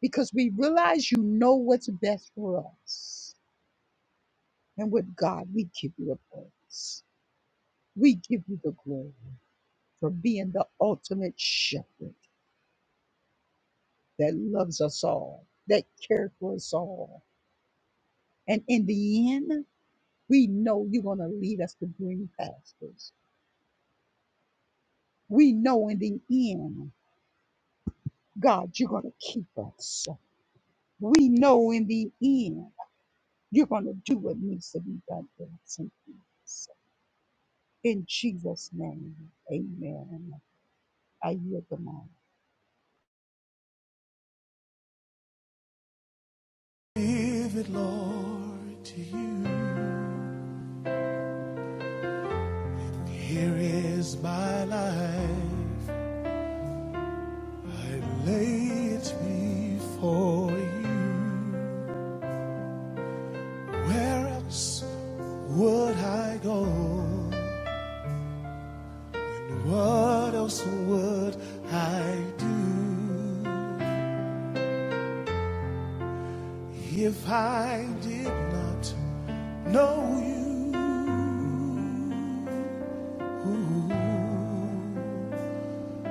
C: because we realize you know what's best for us. And with God, we give you the praise. We give you the glory for being the ultimate shepherd that loves us all, that cares for us all And in the end, we know you're going to lead us to green pastures. We know in the end, God, you're going to keep us. We know in the end, you're going to do what needs to be done for us. and us. In Jesus' name, amen. I yield the mic.
B: to you. Here is my life. I lay it before you. Where else would I go? What else would I do if I did not know you? Ooh,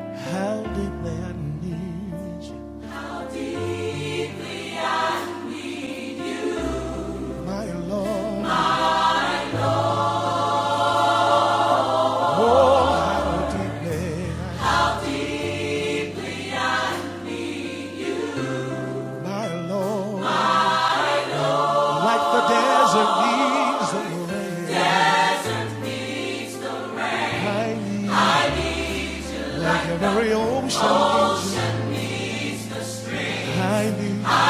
B: How deeply I need you, my Lord. Oh, how deeply I, need you, my Lord. Like the desert needs the rain, I need. you. like every ocean, I need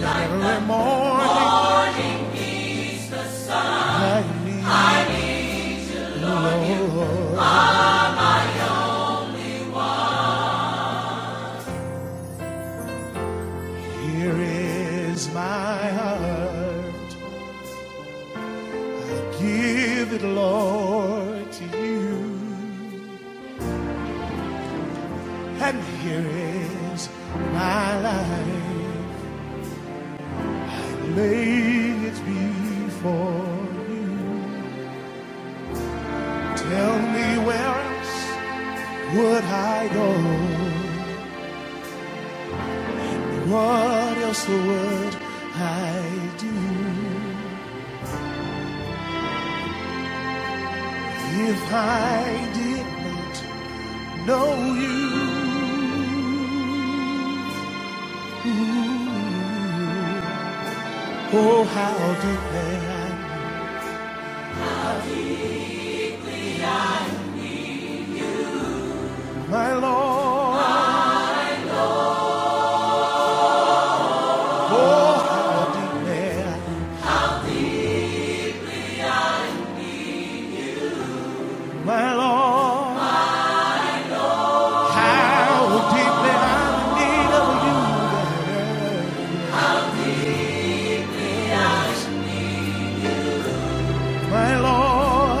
B: like every morning, I need Lord. Here is my heart, I give it, Lord, to you. And here is my life, laying it before you. Tell me where else would I go? What else would I do if I did not know you? Oh, how deeply I know my Lord. Oh, how deeply I know my Lord. How deeply I'm in need of you, yes, my Lord.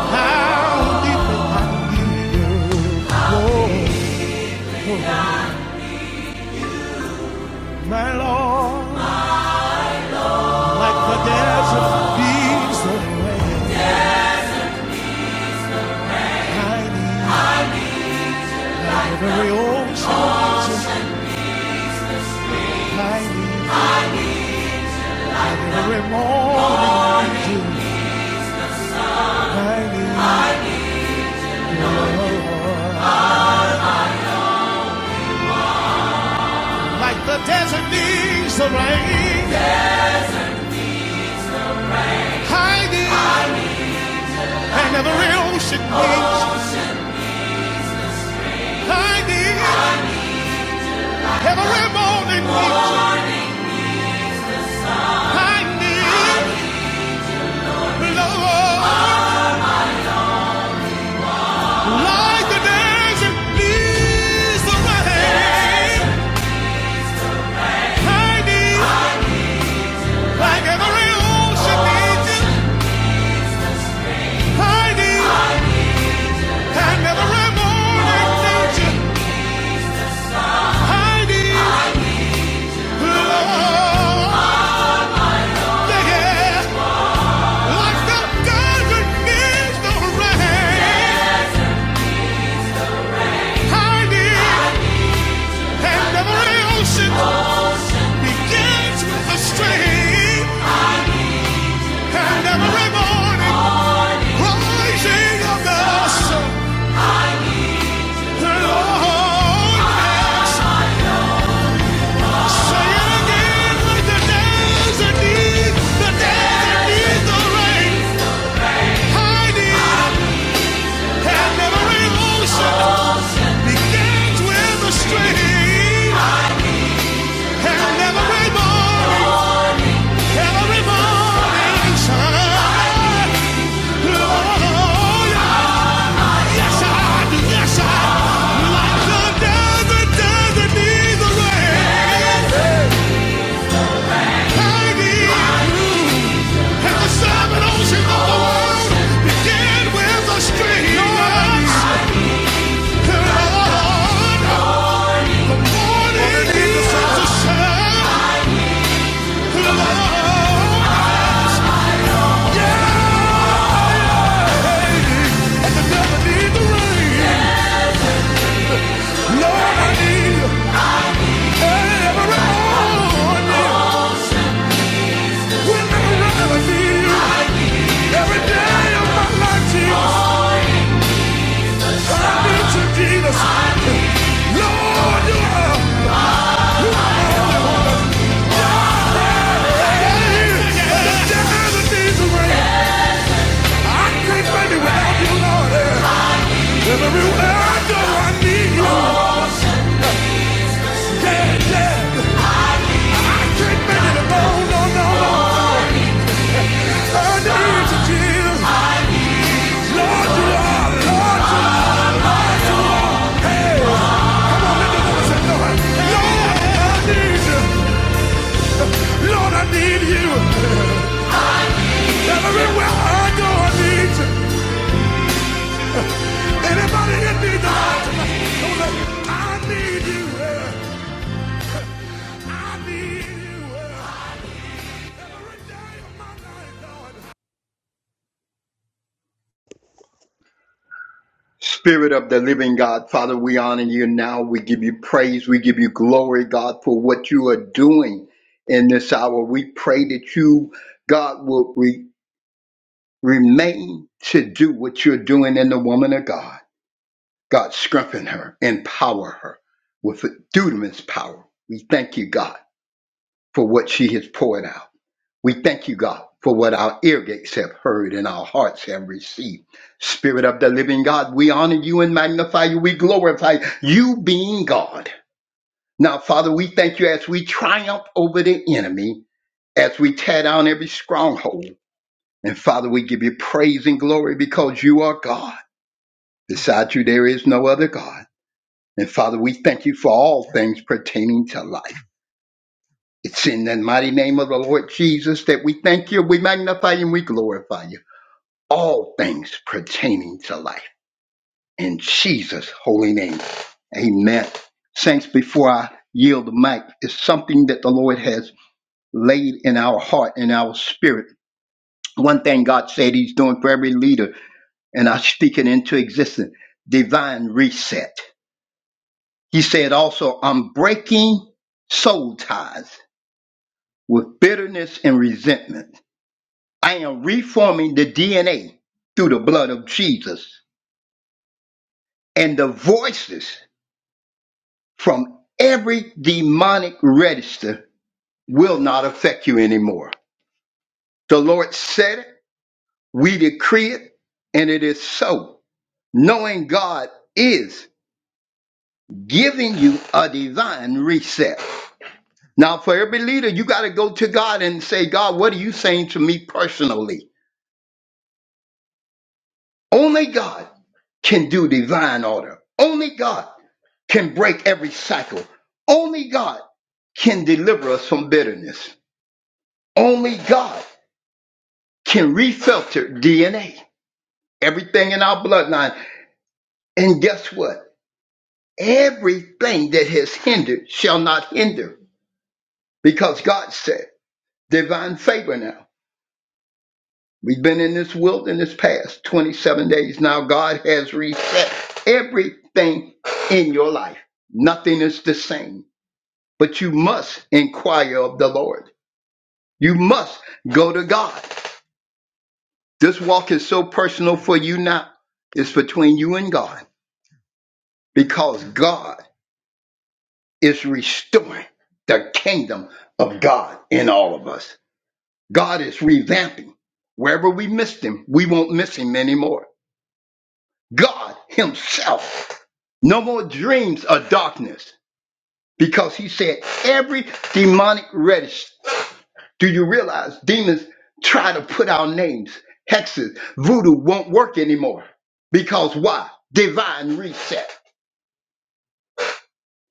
B: How deeply I need you, oh, oh, my Lord. Like the desert leaves the way. I need every ocean changes. I need every morning dew. I need your love. Like the desert needs the rain. I need and every ocean needs. I need every morning needs. I need love. Like the desert needs the rain. Heidi, like every ocean needs you. Heidi, and every morning needs you. Heidi, love, yeah, yeah. like the desert needs the rain. Heidi, and every ocean begins with a stream, and every morning rising of the sun. the Lord, yes. Say it again, like the days that the rain. I need and every ocean begins with a stream. And every morning, every morning shine. Oh, yes I do, yes I do. Like the days, the days the rain. I need you. And the seven oceans of the world begin with the streams. Lord, morning is the sun. I never need the rain. Lord, I need you every morning. Whenever I need you, every day of my life, Jesus, I need to Jesus. Lord, you are, you are the only one. Hey, the devil needs the rain. I can't find it without you, Lord. Everywhere I go, I need you. Yeah, yeah. I can't make it alone, no, no, no. I need you, Jesus. Lord, you are, Lord, you are. Lord, Lord, I need you. Lord, I need you. Everywhere I go, I need you. Anybody in need the Lord tonight? I need you. yeah. I need you. yeah. Every day of my life.
D: Spirit of the living God, Father, we honor you now. We give you praise. We give you glory, God, for what you are doing in this hour. We pray that you, God, will re- remain to do what you're doing in the woman of God. God, strengthen her, empower her with dunamis power. We thank you, God, for what she has poured out. We thank you, God, for what our ear gates have heard and our hearts have received. Spirit of the living God, we honor you and magnify you. We glorify you being God. Now, Father, we thank you as we triumph over the enemy, as we tear down every stronghold. And Father, we give you praise and glory because you are God. Beside you, there is no other God. And Father, we thank you for all things pertaining to life. It's in the mighty name of the Lord Jesus that we thank you, we magnify you, and we glorify you. all things pertaining to life. In Jesus' holy name. Amen. Saints, before I yield the mic, it's something that the Lord has laid in our heart and our spirit. One thing God said He's doing for every leader, and I speak it into existence divine reset. He said also, I'm breaking soul ties with bitterness and resentment. I am reforming the DNA through the blood of Jesus and the voices from every demonic register will not affect you anymore. The Lord said it, we decree it, and it is so. Knowing God is giving you a divine reset. Now, for every leader, you got to go to God and say, God, what are you saying to me personally? Only God can do divine order. Only God can break every cycle. Only God can deliver us from bitterness. Only God can refilter DNA, everything in our bloodline. And guess what? Everything that has hindered shall not hinder because God said, divine favor now. We've been in this wilderness past 27 days now. God has reset everything in your life. Nothing is the same, but you must inquire of the Lord. You must go to God. This walk is so personal for you now. It's between you and God because God is restoring the kingdom of God in all of us. God is revamping. Wherever we missed him, we won't miss him anymore. God himself. No more dreams of darkness because he said every demonic redish. Do you realize demons try to put our names? Hexes, voodoo won't work anymore because why? Divine reset.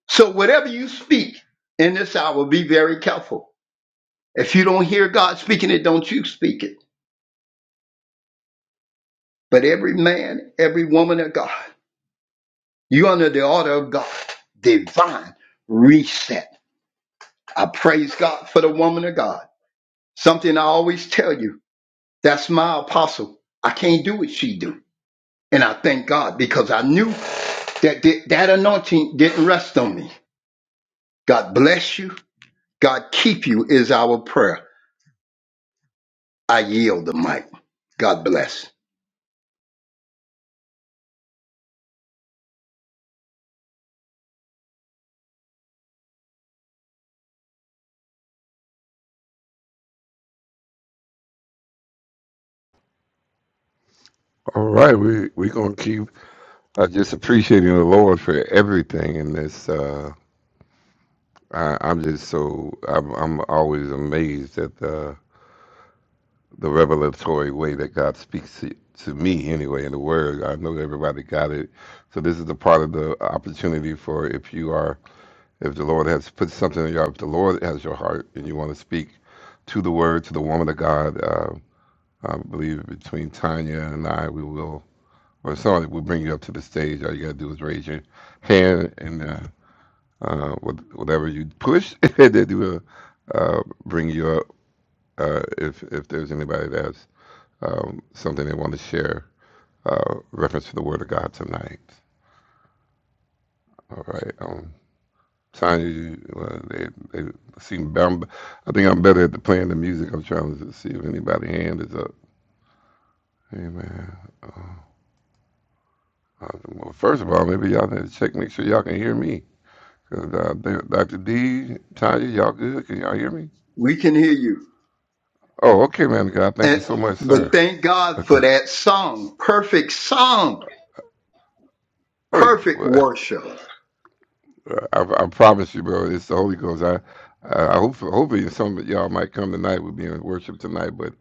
D: So whatever you speak in this hour, be very careful If you don't hear God speaking it, don't you speak it. But every man, every woman of God, you under the order of God. Divine reset. I praise God for the woman of God. Something I always tell you, that's my apostle. I can't do what she do. And I thank God because I knew that that that anointing didn't rest on me. God bless you. God keep you is our prayer. I yield the mic. God bless.
B: All right, we we gonna keep uh, just appreciating the Lord for everything in this. Uh, I, I'm just so I'm I'm always amazed at the the revelatory way that God speaks to, to me anyway in the Word. I know everybody got it, so this is the part of the opportunity for if you are if the Lord has put something in your if the Lord has your heart and you want to speak to the Word to the woman of God. Uh, I believe between Tanya and I, we will. or sorry, we'll bring you up to the stage. All you gotta do is raise your hand, and uh, uh, wh- whatever you push, they will uh, bring you up. Uh, if if there's anybody that has um, something they want to share, uh, reference to the Word of God tonight. All right, um, Sonya, you, uh, they they seem. I'm, I think I'm better at the playing the music. I'm trying to see if anybody hand is up. Amen. Uh, Well, first of all, maybe y'all need to check, make sure y'all can hear me. Cause uh, Th- Dr. D, Tanya, y'all good? Can y'all hear me?
D: We can hear you.
B: Oh, okay, man. of God, thank you
D: And,
B: so much,
D: but
B: sir.
D: thank
B: Uh,
D: God for
B: go-
D: that song. Perfect song.
B: oh yeah.
D: Perfect
B: Well.
D: worship.
B: I, I promise you, bro. It's the Holy Ghost. I, I, I hope, hopefully, some of y'all might come tonight. We'll be in worship tonight, but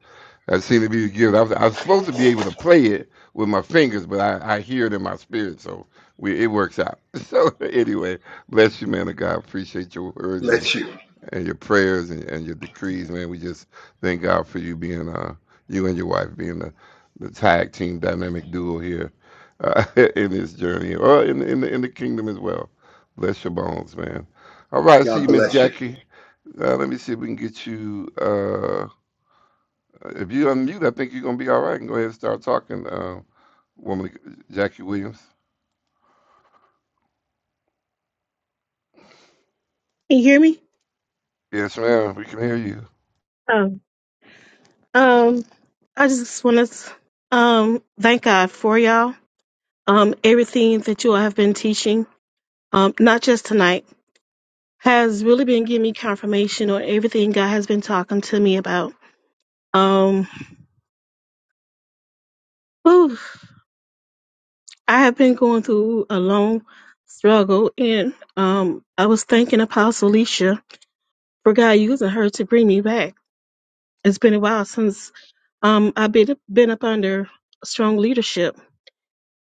B: that seemed to be the gift. I was, I was supposed to be able to play it with my fingers, but I, I hear it in my spirit, so we, it works out. So anyway, bless you, man of God. Appreciate your words and
D: Bless you.
B: and your prayers and, and your decrees, man. We just thank God for you being uh you and your wife being the, the tag team dynamic duo here uh, in this journey or in in the, in the kingdom as well. Bless your bones, man. All right, I see
D: God
B: you, Miss
D: bless you.
B: Jackie. Uh, let me see if we can get you. Uh, if you unmute, I think you're gonna be all right. And go ahead and start talking, uh, woman Jackie Williams.
E: Can you hear me?
B: Yes, ma'am. We can hear you.
E: Um, um, I just want to um thank God for y'all. Um, everything that you all have been teaching, um, not just tonight, has really been giving me confirmation on everything God has been talking to me about. Um, whew, I have been going through a long struggle, and um, I was thanking Apostle Alicia for God using her to bring me back. It's been a while since um I've been been up under strong leadership,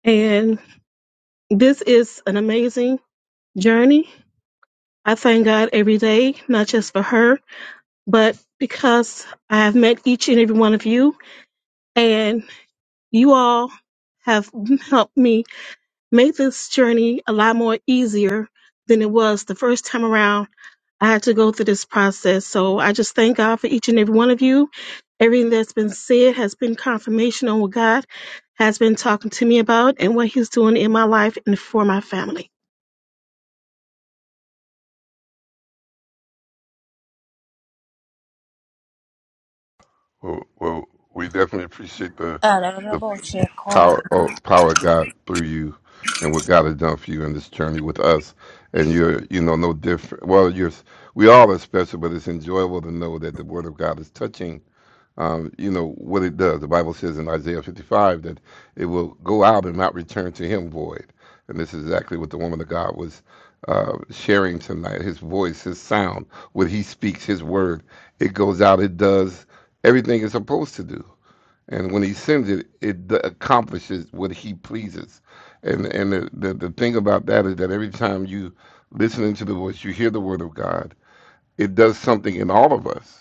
E: and. this is an amazing journey. I thank God every day, not just for her, but because I have met each and every one of you, and you all have helped me make this journey a lot more easier than it was the first time around. I had to go through this process. So I just thank God for each and every one of you. Everything that's been said has been confirmation on what God has been talking to me about and what He's doing in my life and for my family.
B: Well, well we definitely appreciate the the power oh, power of God through you and what God has done for you in this journey with us. And you're you know no different. Well, you're we all are special, but it's enjoyable to know that the Word of God is touching. Um, you know what it does. The Bible says in Isaiah 55 that it will go out and not return to Him void. And this is exactly what the woman of God was uh, sharing tonight. His voice, His sound, what He speaks, His word, it goes out. It does everything it's supposed to do and when he sends it, it d- accomplishes what he pleases. And and the, the the thing about that is that every time you listen into the voice, you hear the word of God. It does something in all of us.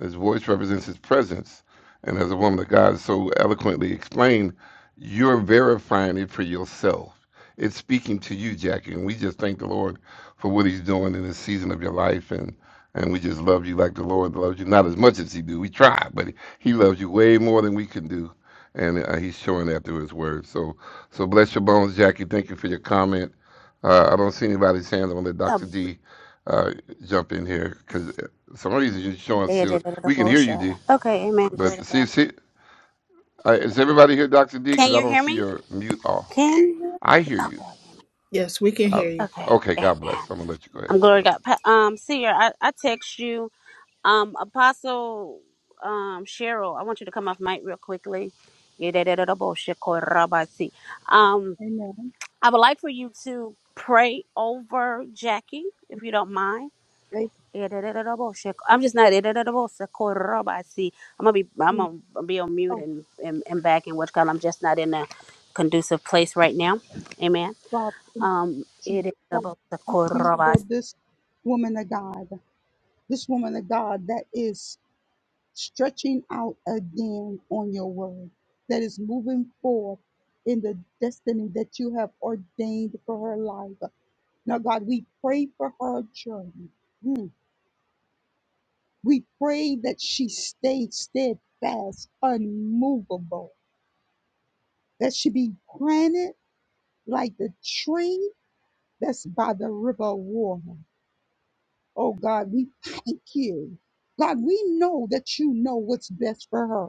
B: His voice represents his presence. And as a woman of God so eloquently explained, you're verifying it for yourself. It's speaking to you, Jackie. And we just thank the Lord for what he's doing in this season of your life. And and we just love you like the Lord loves you. Not as much as he do. We try, but he loves you way more than we can do. And uh, he's showing that through his word. So so bless your bones, Jackie. Thank you for your comment. Uh, I don't see anybody's hands. I'm gonna let Dr. D uh, jump in here because some reason you're showing still. We can hear you, D. But see, see, uh, is everybody here, Dr. D? Because I don't see your mute off. I hear you. I, okay, God bless. I'm gonna let you go ahead. Yep.
C: Amen. Thank you. Oh, Father, thank you, Jesus. God, thank you for this woman of God. This woman of God that is stretching out again on your word, that is moving forward in the destiny that you have ordained for her life. Now, God, we pray for her journey. Mm. We pray that she stays steadfast, unmovable, that she be planted like the tree that's by the river of water. Oh, God, we thank you. God, we know that you know what's best for her.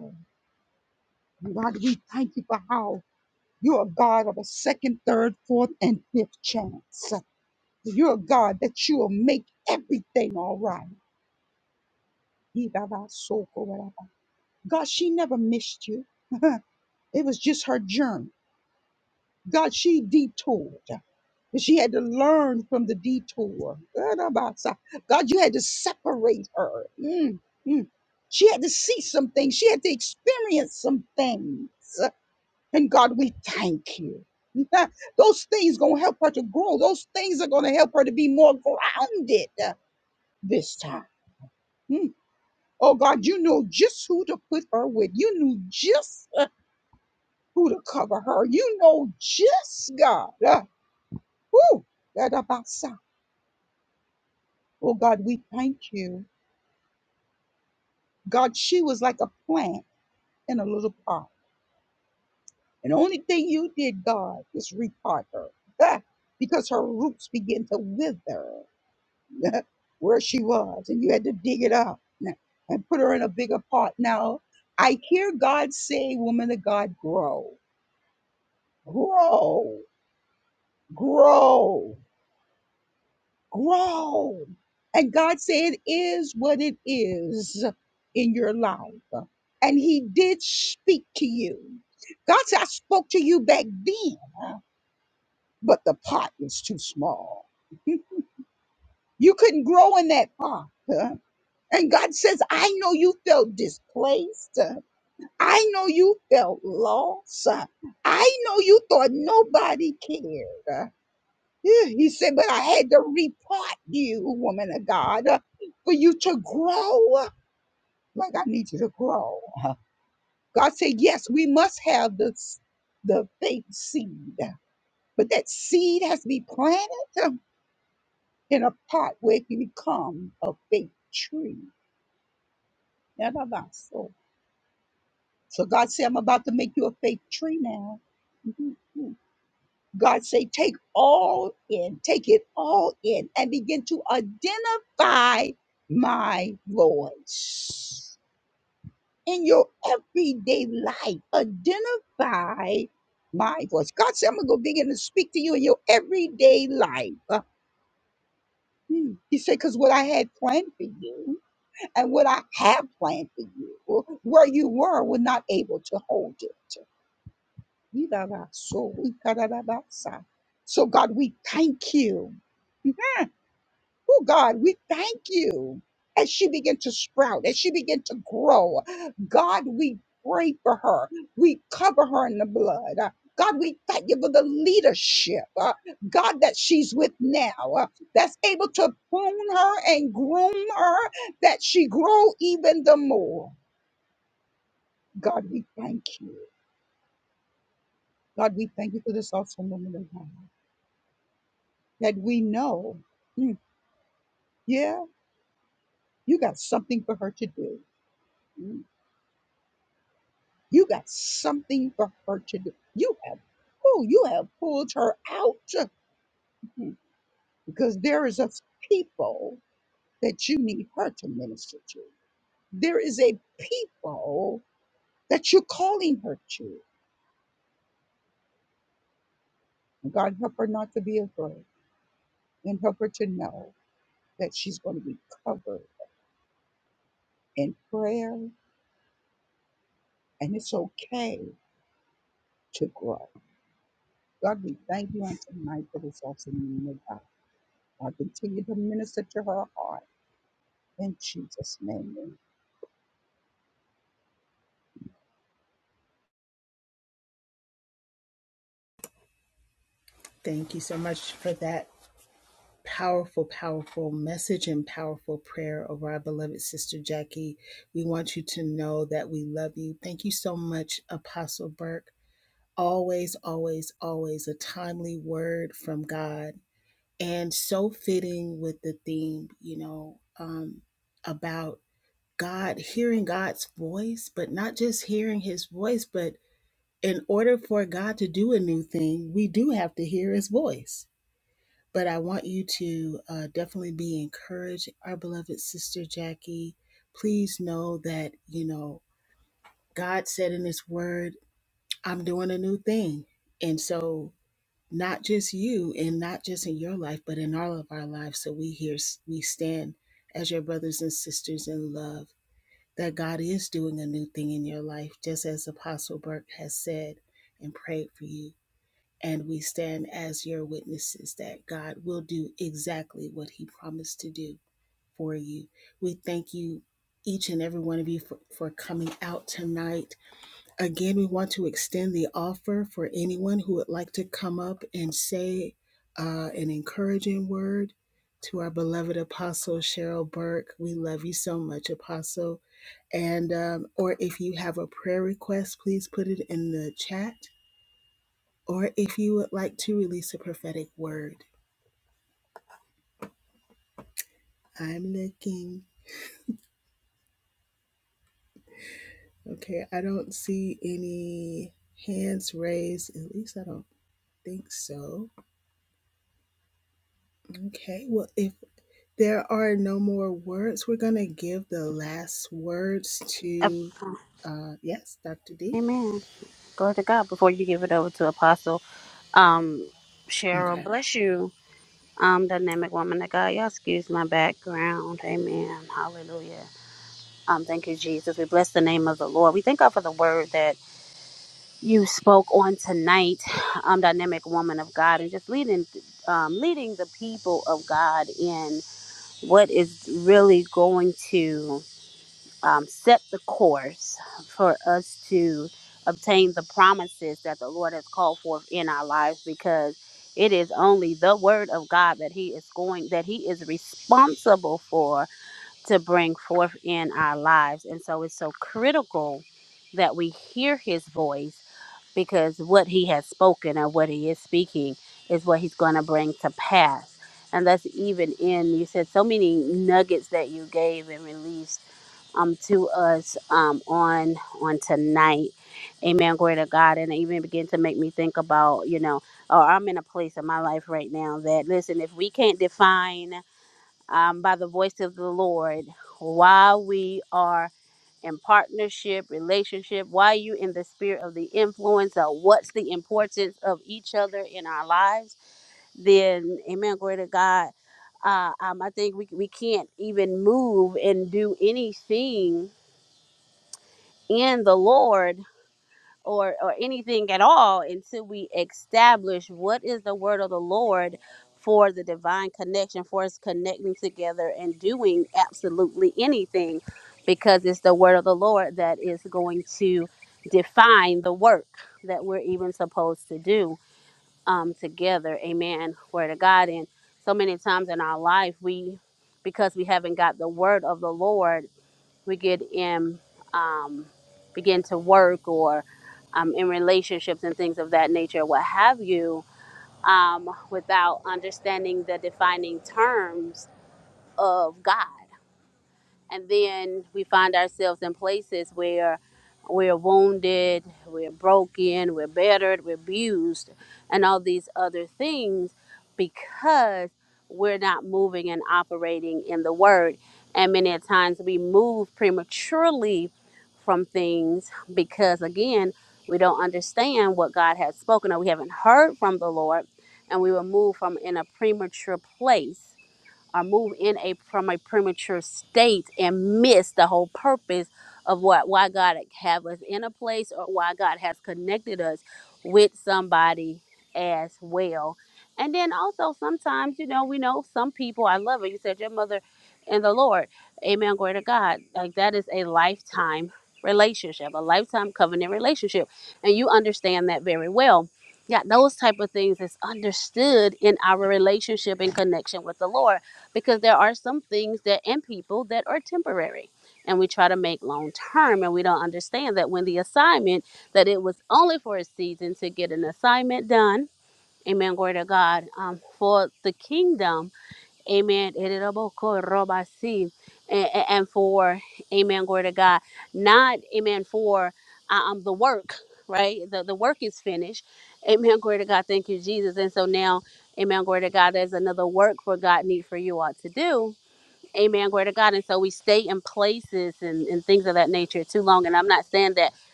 C: God, we thank you for how You're a God of a second, third, fourth, and fifth chance. You're a God that you will make everything all right. God, she never missed you. it was just her journey. God, she detoured. And She had to learn from the detour. God, you had to separate her. Mm, mm. She had to see some things. She had to experience some things. And God, we thank you. Those things going to help her to grow. Those things are going to help her to be more grounded uh, this time. Mm. Oh God, you know just who to put her with. You knew just uh, who to cover her. You know just God. Uh, whew, that about so. Oh God, we thank you. God, she was like a plant in a little pot. And the only thing you did, God, is repot her. Because her roots begin to wither. where she was, and you had to dig it up n- and put her in a bigger pot. Now, I hear God say, Woman of God, grow, grow, grow, grow. And God said, It is what it is in your life. And He did speak to you. God said, I spoke to you back then, but the pot was too small. You couldn't grow in that pot. And God says, I know you felt displaced. I know you felt lost. I know you thought nobody cared. Yeah, He said, but I had to repot you, woman of God, for you to grow. Like I need you to grow. God said, yes, we must have the, s- the faith seed, but that seed has to be planted in a pot where it can become a faith tree. So so God said, I'm about to make you a faith tree now. Mm-hmm. God say, take all in, take it all in, and begin to identify my voice in your everyday life. Identify my voice. God said, I'm gonna go begin to speak to you in your everyday life. Uh, hmm. He said, because what I had planned for you and what I have planned for you, where you were, were not able to hold it. So we kadadabasa. So God, we thank you. Mhm. Oh God, we thank you. As she began to sprout, as she began to grow, God, we pray for her. We cover her in the blood. Uh, God, we thank you for the leadership, uh, God, that she's with now, uh, that's able to prune her and groom her, that she grow even the more. God, we thank you. God, we thank you for this awesome woman of God. that we know, mm, yeah, you got something for her to do. Mm, You got something for her to do. You have, oh, you have pulled her out mm, because there is a people that you need her to minister to. There is a people that you're calling her to. And God, help her not to be afraid and help her to know that she's going to be covered in prayer and it's okay to grow. God, we thank you on tonight for this afternoon, Lord God. God, continue to minister to her heart in Jesus' name.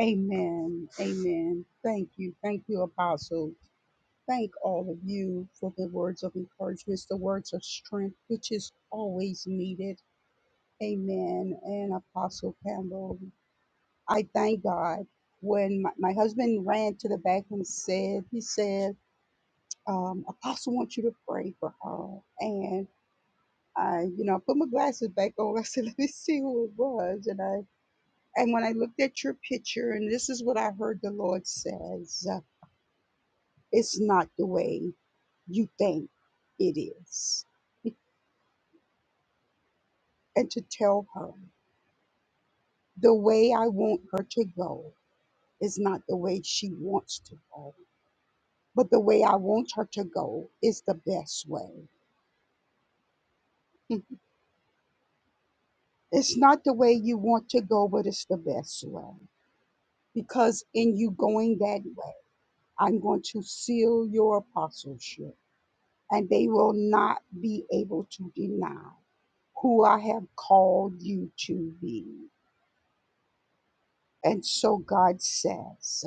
C: Amen. Amen. Thank you. Thank you, Apostle. Thank all of you for the words of encouragement, the words of strength, which is always needed. Amen. And Apostle Campbell, I thank God. When my, my husband ran to the back and said, he said, um, Apostle wants you to pray for her. and." I, you know, put my glasses back on. I said, let me see who it was. And I, and when I looked at your picture, and this is what I heard the Lord says, uh, it's not the way you think it is. And to tell her the way I want her to go is not the way she wants to go, but the way I want her to go is the best way. Hmm, It's not the way you want to go, but it's the best way. Because in you going that way, I'm going to seal your apostleship, and they will not be able to deny who I have called you to be. And so God says,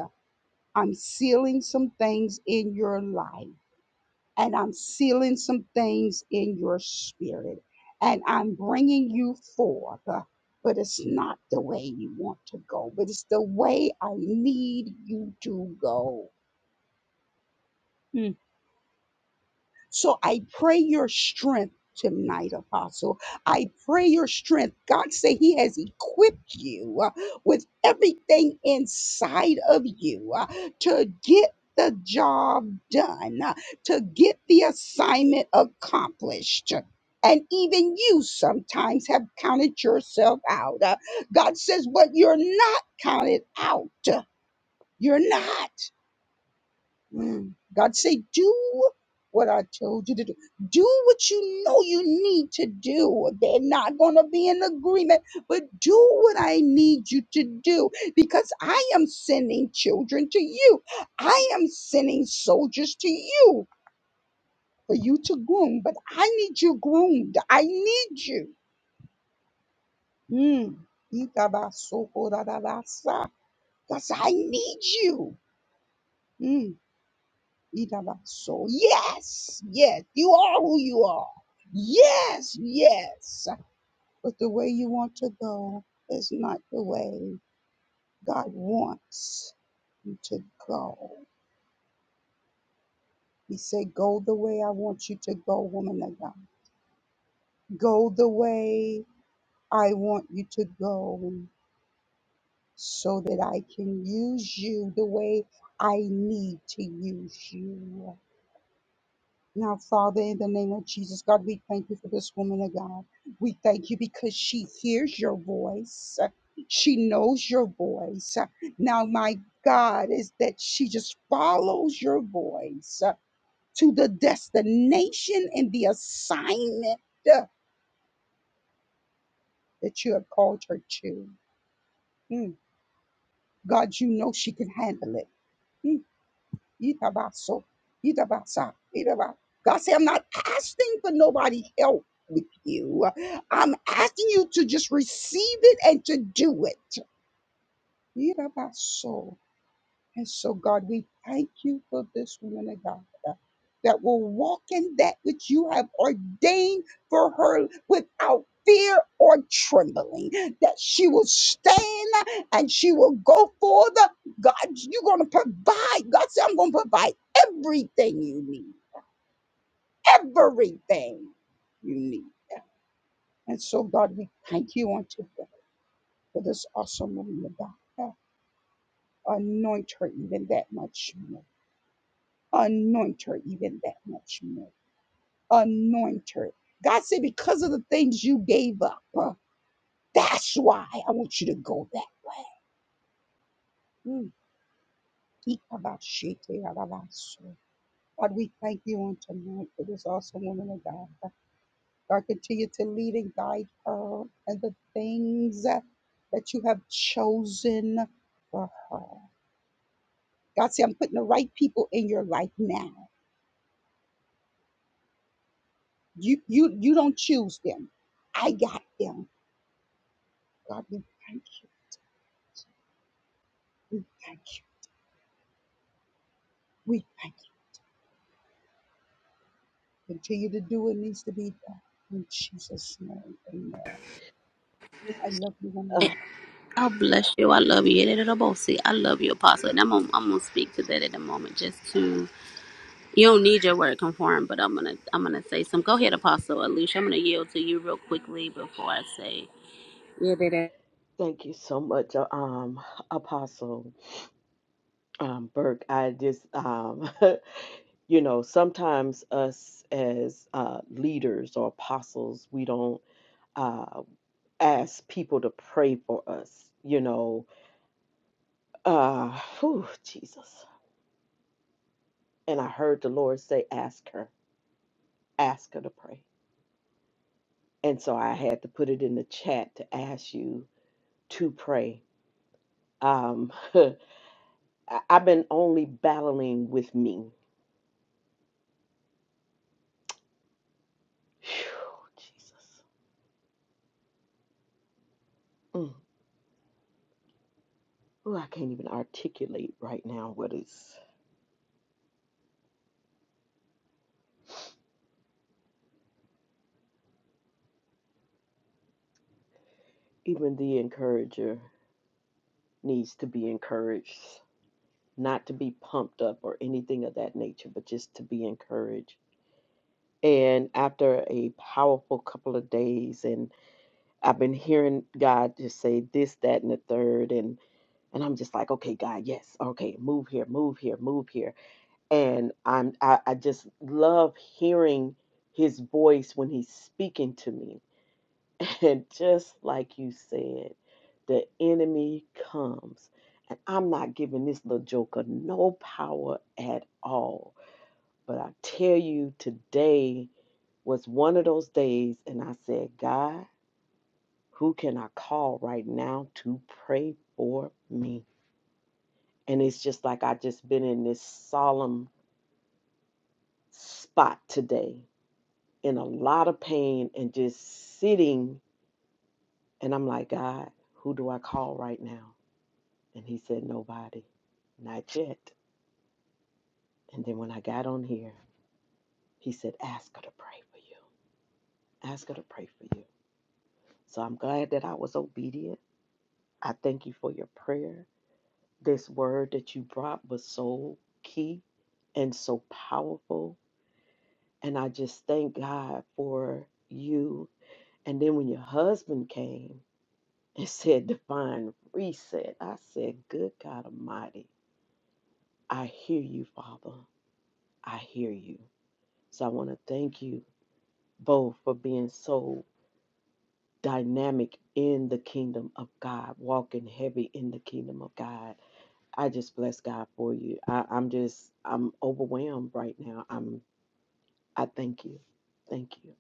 C: I'm sealing some things in your life, and I'm sealing some things in your spirit, and I'm bringing you forth. uh, But it's not the way you want to go, but it's the way I need you to go. So I pray your strength tonight, Apostle. I pray your strength. God say He has equipped you uh, with everything inside of you uh, to get the job done, uh, to get the assignment accomplished. And even you sometimes have counted yourself out. Uh, God says, but you're not counted out. You're not. Mm. God say, do what I told you to do. Do what you know you need to do. They're not going to be in agreement, but do what I need you to do because I am sending children to you. I am sending soldiers to you for you to groom, but I need you groomed. I need you. Mm. Itabasoko God said, I need you. Mm. Irabaso. Yes, yes, you are who you are. Yes, yes. But the way you want to go is not the way God wants you to go. He said, Go the way I want you to go, woman of God. Go the way I want you to go so that I can use you the way I need to use you. Now, Father, in the name of Jesus, God, we thank you for this woman of God. We thank you because she hears your voice. She knows your voice. Now, my God, is that she just follows your voice uh, to the destination and the assignment uh, that you have called her to. Mm. God, you know she can handle it. Hmm. Itabaso, itabasa, itaba. God said, I'm not asking for nobody help with you. I'm asking you to just receive it and to do it. Itabaso. And so, God, we thank you for this woman of God uh, that will walk in that which you have ordained for her without fear or trembling, that she will stand and she will go forth. God, you're going to provide. God said, I'm going to provide everything you need, everything you need. And so, God, we thank you on today for this awesome woman of God. Uh, Anoint her even that much. more. Anoint her even that much more. Anoint her. God said, because of the things you gave up, uh, that's why I want you to go that way. Mm. God, we thank you on tonight for this awesome woman of God. God, continue to lead and guide her and the things that that you have chosen for her. God said, I'm putting the right people in your life now. You you you don't choose them. I got them. God, we thank you. We thank you. We thank you. Continue to do what needs to be done. In Jesus' name, amen. I love you, woman.
F: Uh, thank you so much, uh, um, Apostle um, Burke. I just, um, you know, sometimes us as uh, leaders or apostles, we don't uh, ask people to pray for us, you know. Uh, whew, Jesus. And I heard the Lord say, ask her, ask her to pray. And so I had to put it in the chat to ask you to pray. Um, I- I've been only battling with me. Phew, Jesus. Mm. Ooh, I can't even articulate right now what is. Even the encourager needs to be encouraged, not to be pumped up or anything of that nature, but just to be encouraged. And after a powerful couple of days, and I've been hearing God just say this, that, and the third, and and I'm just like, okay, God, yes, okay, move here, move here, move here, and I'm I, I just love hearing His voice when He's speaking to me And just like you said, the enemy comes. And I'm not giving this little joker no power at all. But I tell you, today was one of those days, and I said, God, who can I call right now to pray for me? And it's just like I just been in this solemn spot today, in a lot of pain and just sitting. And I'm like, God, who do I call right now? And he said, Nobody. Not yet. And then when I got on here, he said, Ask her to pray for you. Ask her to pray for you. So I'm glad that I was obedient. I thank you for your prayer. This word that you brought was so key and so powerful. And I just thank God for you. And then when your husband came and said, Divine reset, I said, Good God Almighty, I hear you, Father. I hear you. So I want to thank you both for being so dynamic in the kingdom of God, walking heavy in the kingdom of God. I just bless God for you. I, I'm just I'm overwhelmed right now. I'm I thank you. Thank you.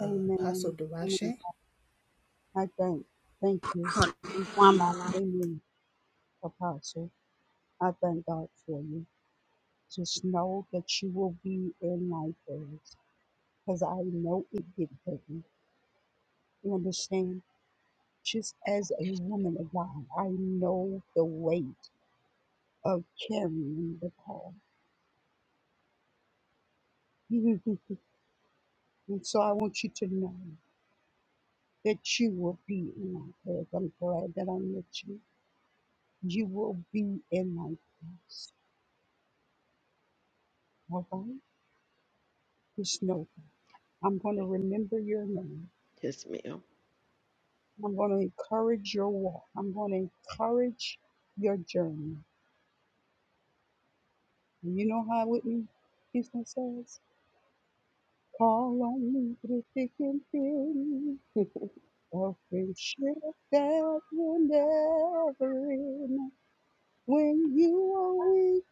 C: Amen. amen. I thank, thank you. Thank you. Amen, Apostle. I thank God for you. Just know that you will be in my prayers because I know it get heavy. You understand? Just as a woman of God, I know the weight of carrying the call. and so I want you to know. that you will be in my prayers. I'm glad that I met you. You will be in my prayers. All right? Just know that. I'm going to remember your name.
F: Yes, ma'am.
C: I'm going to encourage your walk. I'm going to encourage your journey. And you know how Whitney Houston says, Call on me through thick and thin. A friendship that will never end. When you are weak,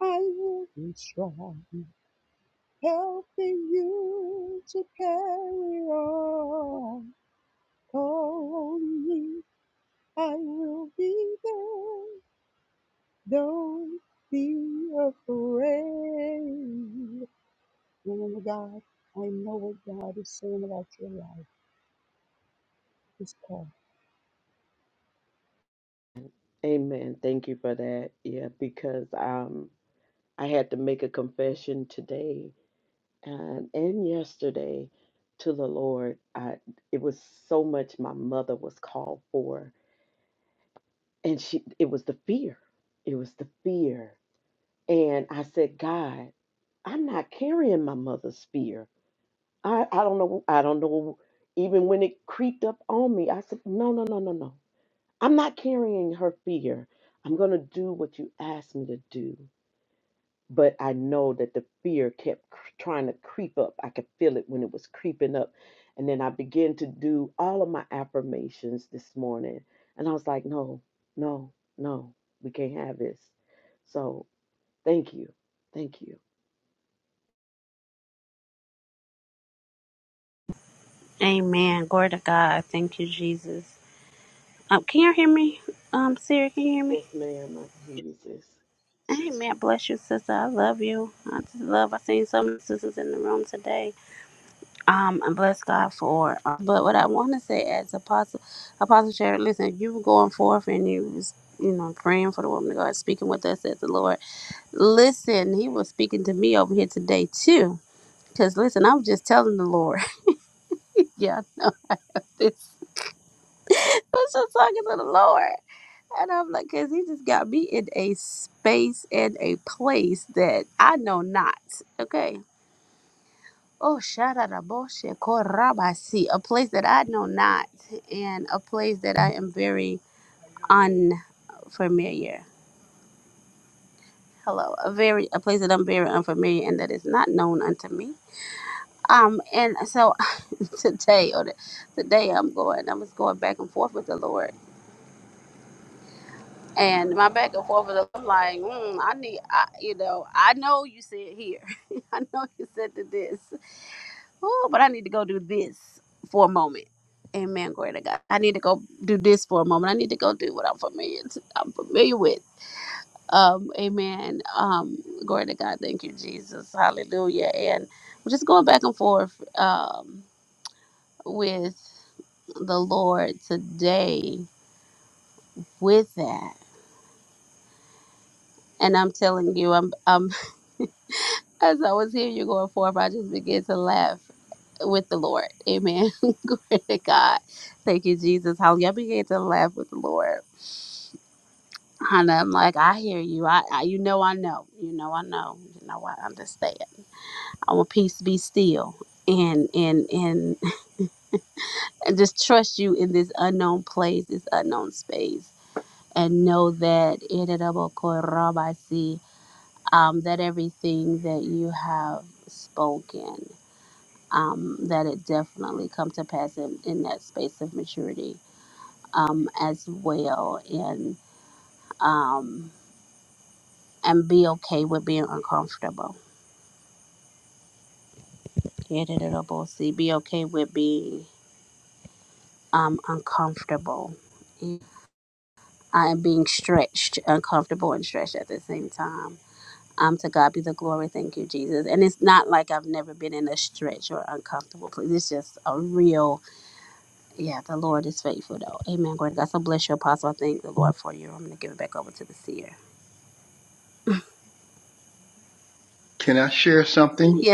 C: I will be strong. helping you to carry on. Call on me, I will be there. Don't be afraid. Woman of God, I know what God is saying about your life. It's called.
F: Amen. Thank you for that. Yeah, because um I had to make a confession today and and yesterday to the Lord. I it was so much my mother was called for and she it was the fear. It was the fear And I said, God, I'm not carrying my mother's fear. I, I don't know. I don't know. Even when it creeped up on me, I said, No, no, no, no, no. I'm not carrying her fear. I'm going to do what you asked me to do. But I know that the fear kept cr- trying to creep up. I could feel it when it was creeping up. And then I began to do all of my affirmations this morning. And I was like, No, no, no, we can't have this. So thank you. Thank you. Yes, ma'am. I can hear you, sis.
D: Can I share something?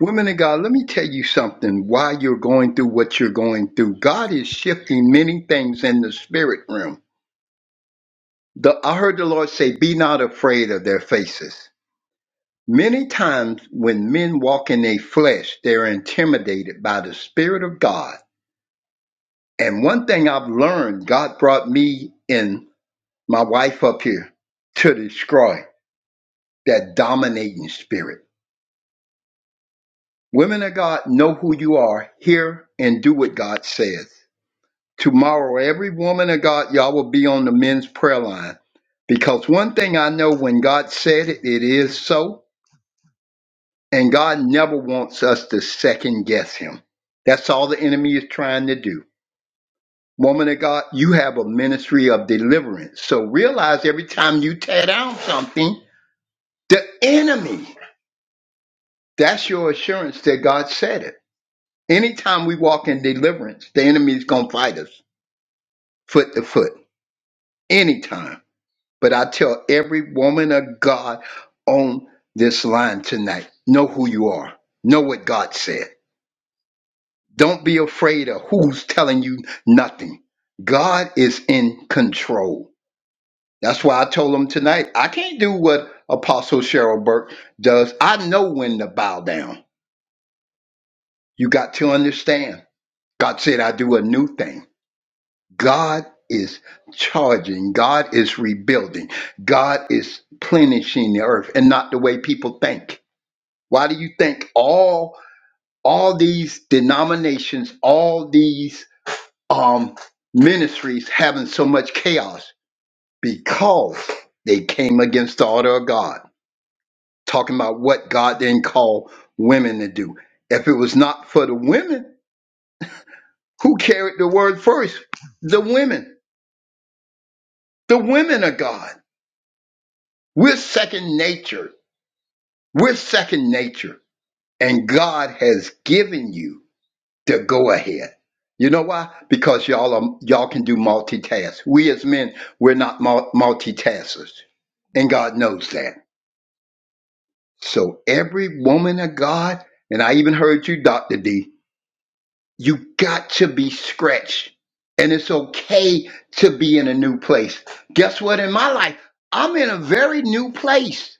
D: Women of God, let me tell you something why you're going through what you're going through. God is shifting many things in the spirit realm. The, I heard the Lord say, Be not afraid of their faces. Many times when men walk in their flesh, they're intimidated by the Spirit of God. And one thing I've learned, God brought me in my wife up here to destroy that dominating spirit. Women of God, know who you are, hear and do what God says. Tomorrow, every woman of God, y'all will be on the men's prayer line. Because one thing I know when God said it, it is so. And God never wants us to second guess him. That's all the enemy is trying to do. Woman of God, you have a ministry of deliverance. So realize every time you tear down something, the enemy That's your assurance that God said it. Anytime we walk in deliverance, the enemy is going to fight us foot to foot. Anytime. But I tell every woman of God on this line tonight know who you are, know what God said. Don't be afraid of who's telling you nothing. God is in control. That's why I told them tonight I can't do what Apostle Cheryl Burke does. I know when to bow down. You got to understand. God said, I do a new thing. God is charging, God is rebuilding, God is plenishing the earth and not the way people think. Why do you think all all these denominations, all these um ministries having so much chaos? Because they came against the order of God, talking about what God didn't call women to do. If it was not for the women, who carried the word first? The women. The women of God We're second nature. We're second nature. And God has given you the go ahead. You know why? Because y'all are, y'all can do multitask. We as men, we're not mul- multitaskers. And God knows that. So every woman of God, and I even heard you, Dr. D, you got to be scratched. And it's okay to be in a new place. Guess what? In my life, I'm in a very new place.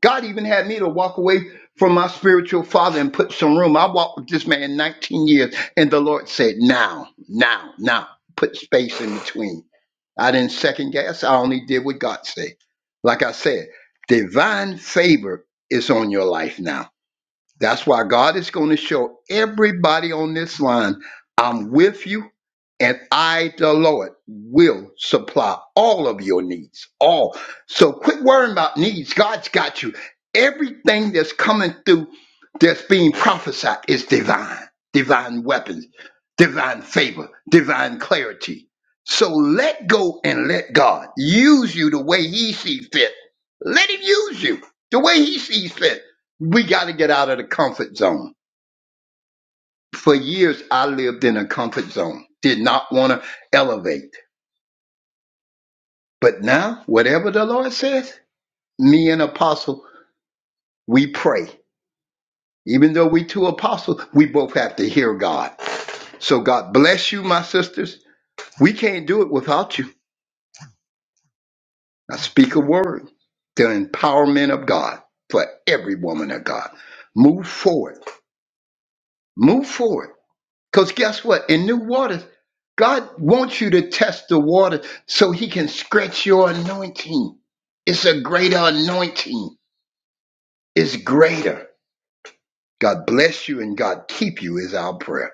D: God even had me to walk away from my spiritual father and put some room. I walked with this man 19 years, and the Lord said, Now, now, now, put space in between. I didn't second guess. I only did what God said. Like I said, divine favor is on your life now. That's why God is going to show everybody on this line, I'm with you, and I, the Lord, will supply all of your needs. All. So quit worrying about needs. God's got you. Everything that's coming through, that's being prophesied, is divine, divine weapons, divine favor, divine clarity. So let go and let God use you the way He sees fit. Let Him use you the way He sees fit we got to get out of the comfort zone. For years, I lived in a comfort zone, did not want to elevate. But now, whatever the Lord says, me and Apostle, we pray. Even though we two apostles, we both have to hear God. So God bless you, my sisters. We can't do it without you. I speak a word, the empowerment of God for every woman of God. Move forward. Move forward. Because guess what? In new waters, God wants you to test the water so he can stretch your anointing. It's a greater anointing. It's greater. God bless you and God keep you is our prayer.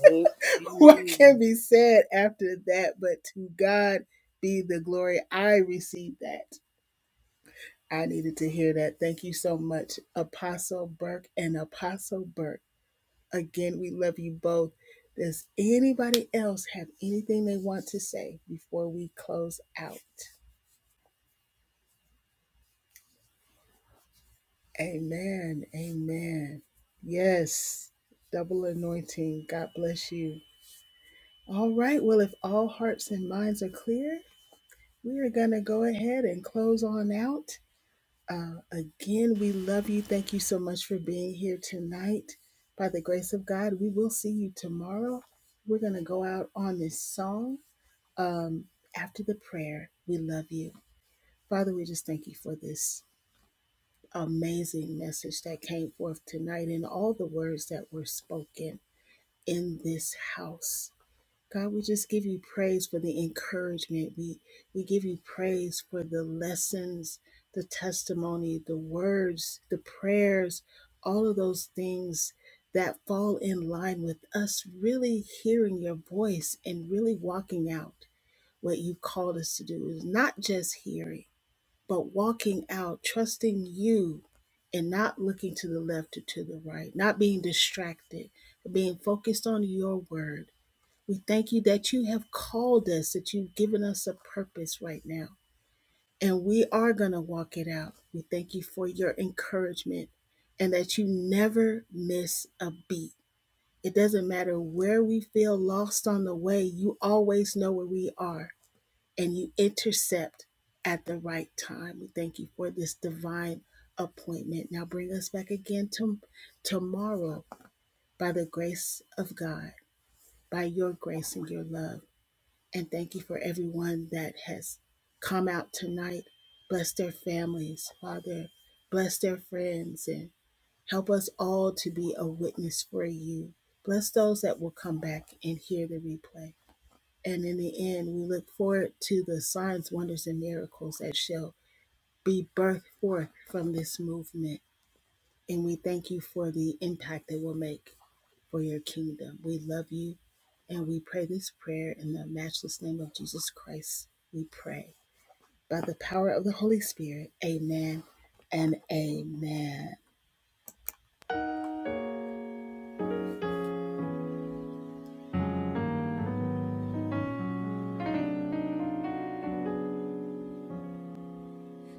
F: Amen.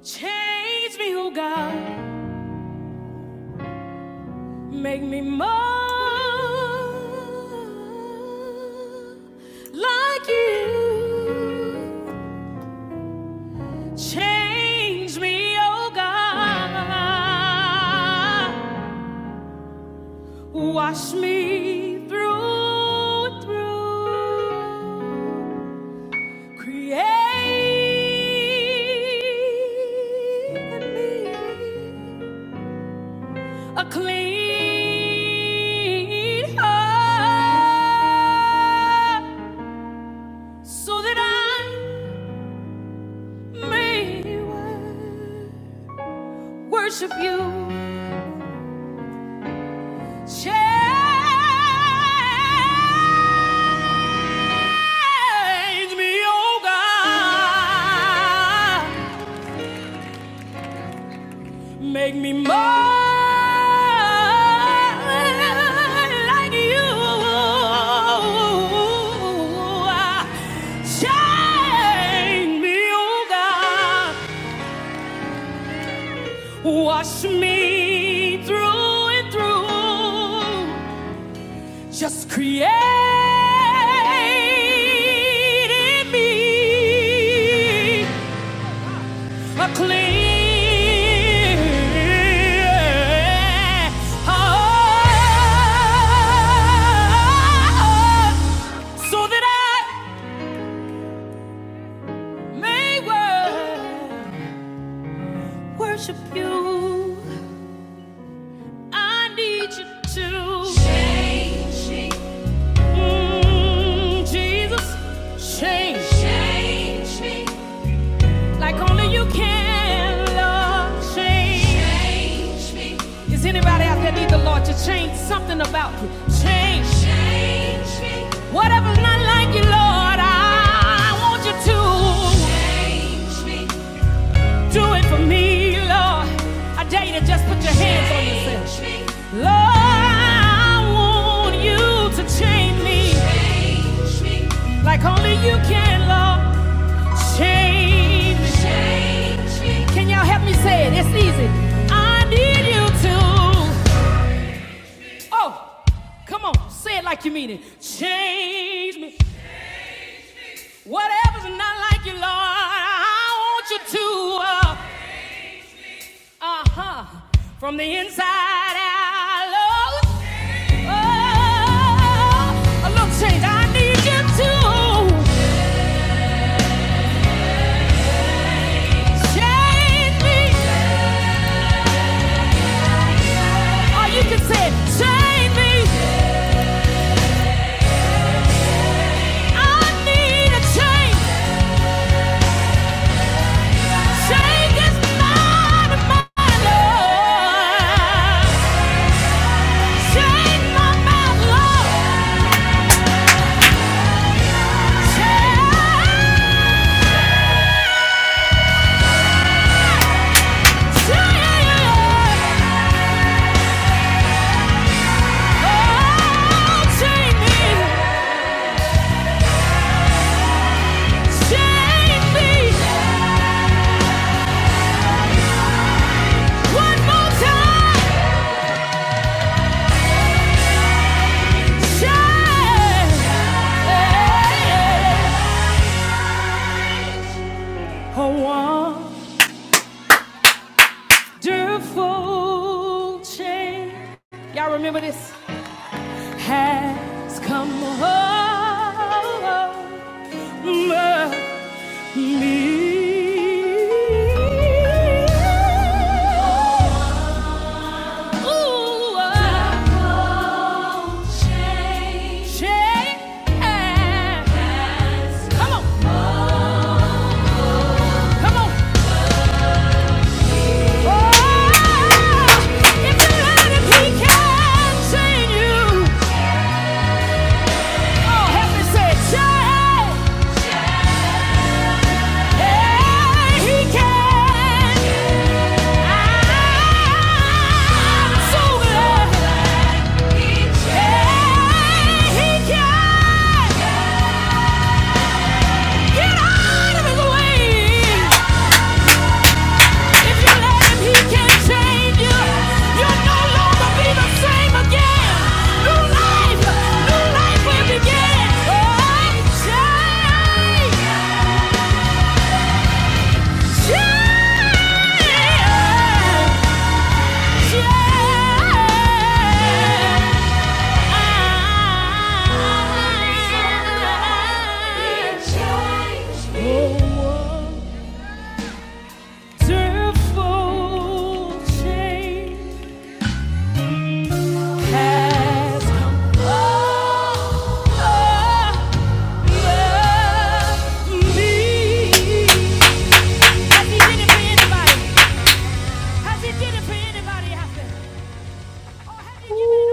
G: Change me, oh God. Make me more like you. Change me, oh God. Wash me through and through. Create in me a clean heart so that I may worship you. Change me, oh God. Make me more like you. Shine me, oh God. Wash me through and through. Just create in me A clear heart, so that I may worship you. I need you to change me, Mm, Jesus. change me. like only you can, Lord. Change change me. Is anybody out there need the Lord to change something about you? Change. Change me. Whatever's not like you, Lord, I, I want you to change me. Do it for me, Lord. I dare you to just put your hands on yourself. me. Lord, I want you to change me. Change me. Like only you can, Lord. Change. Change me. Can y'all help me say it? It's easy. I need you to. Oh, come on. Say it like you mean it. Change me. Whatever's not like you, Lord, I want you to. Uh huh. From the inside out, Lord. Oh, a little change. I need you to. Change me. Or you can say, change me. I need a change. Change is mine, Lord. Change my mouth, Lord. Change, oh, change me. Change me. One more time. Change. A wonderful change. Y'all remember this? Has come over me. Ooh, a change. Come on, come on. Get out of his way! If you let him, he can change you. You'll no longer be the same again. New life, new life will begin. Oh, change, change, change. Oh, wonderful change. has come over me. Has he did it for anybody? Has he did it for anybody out there?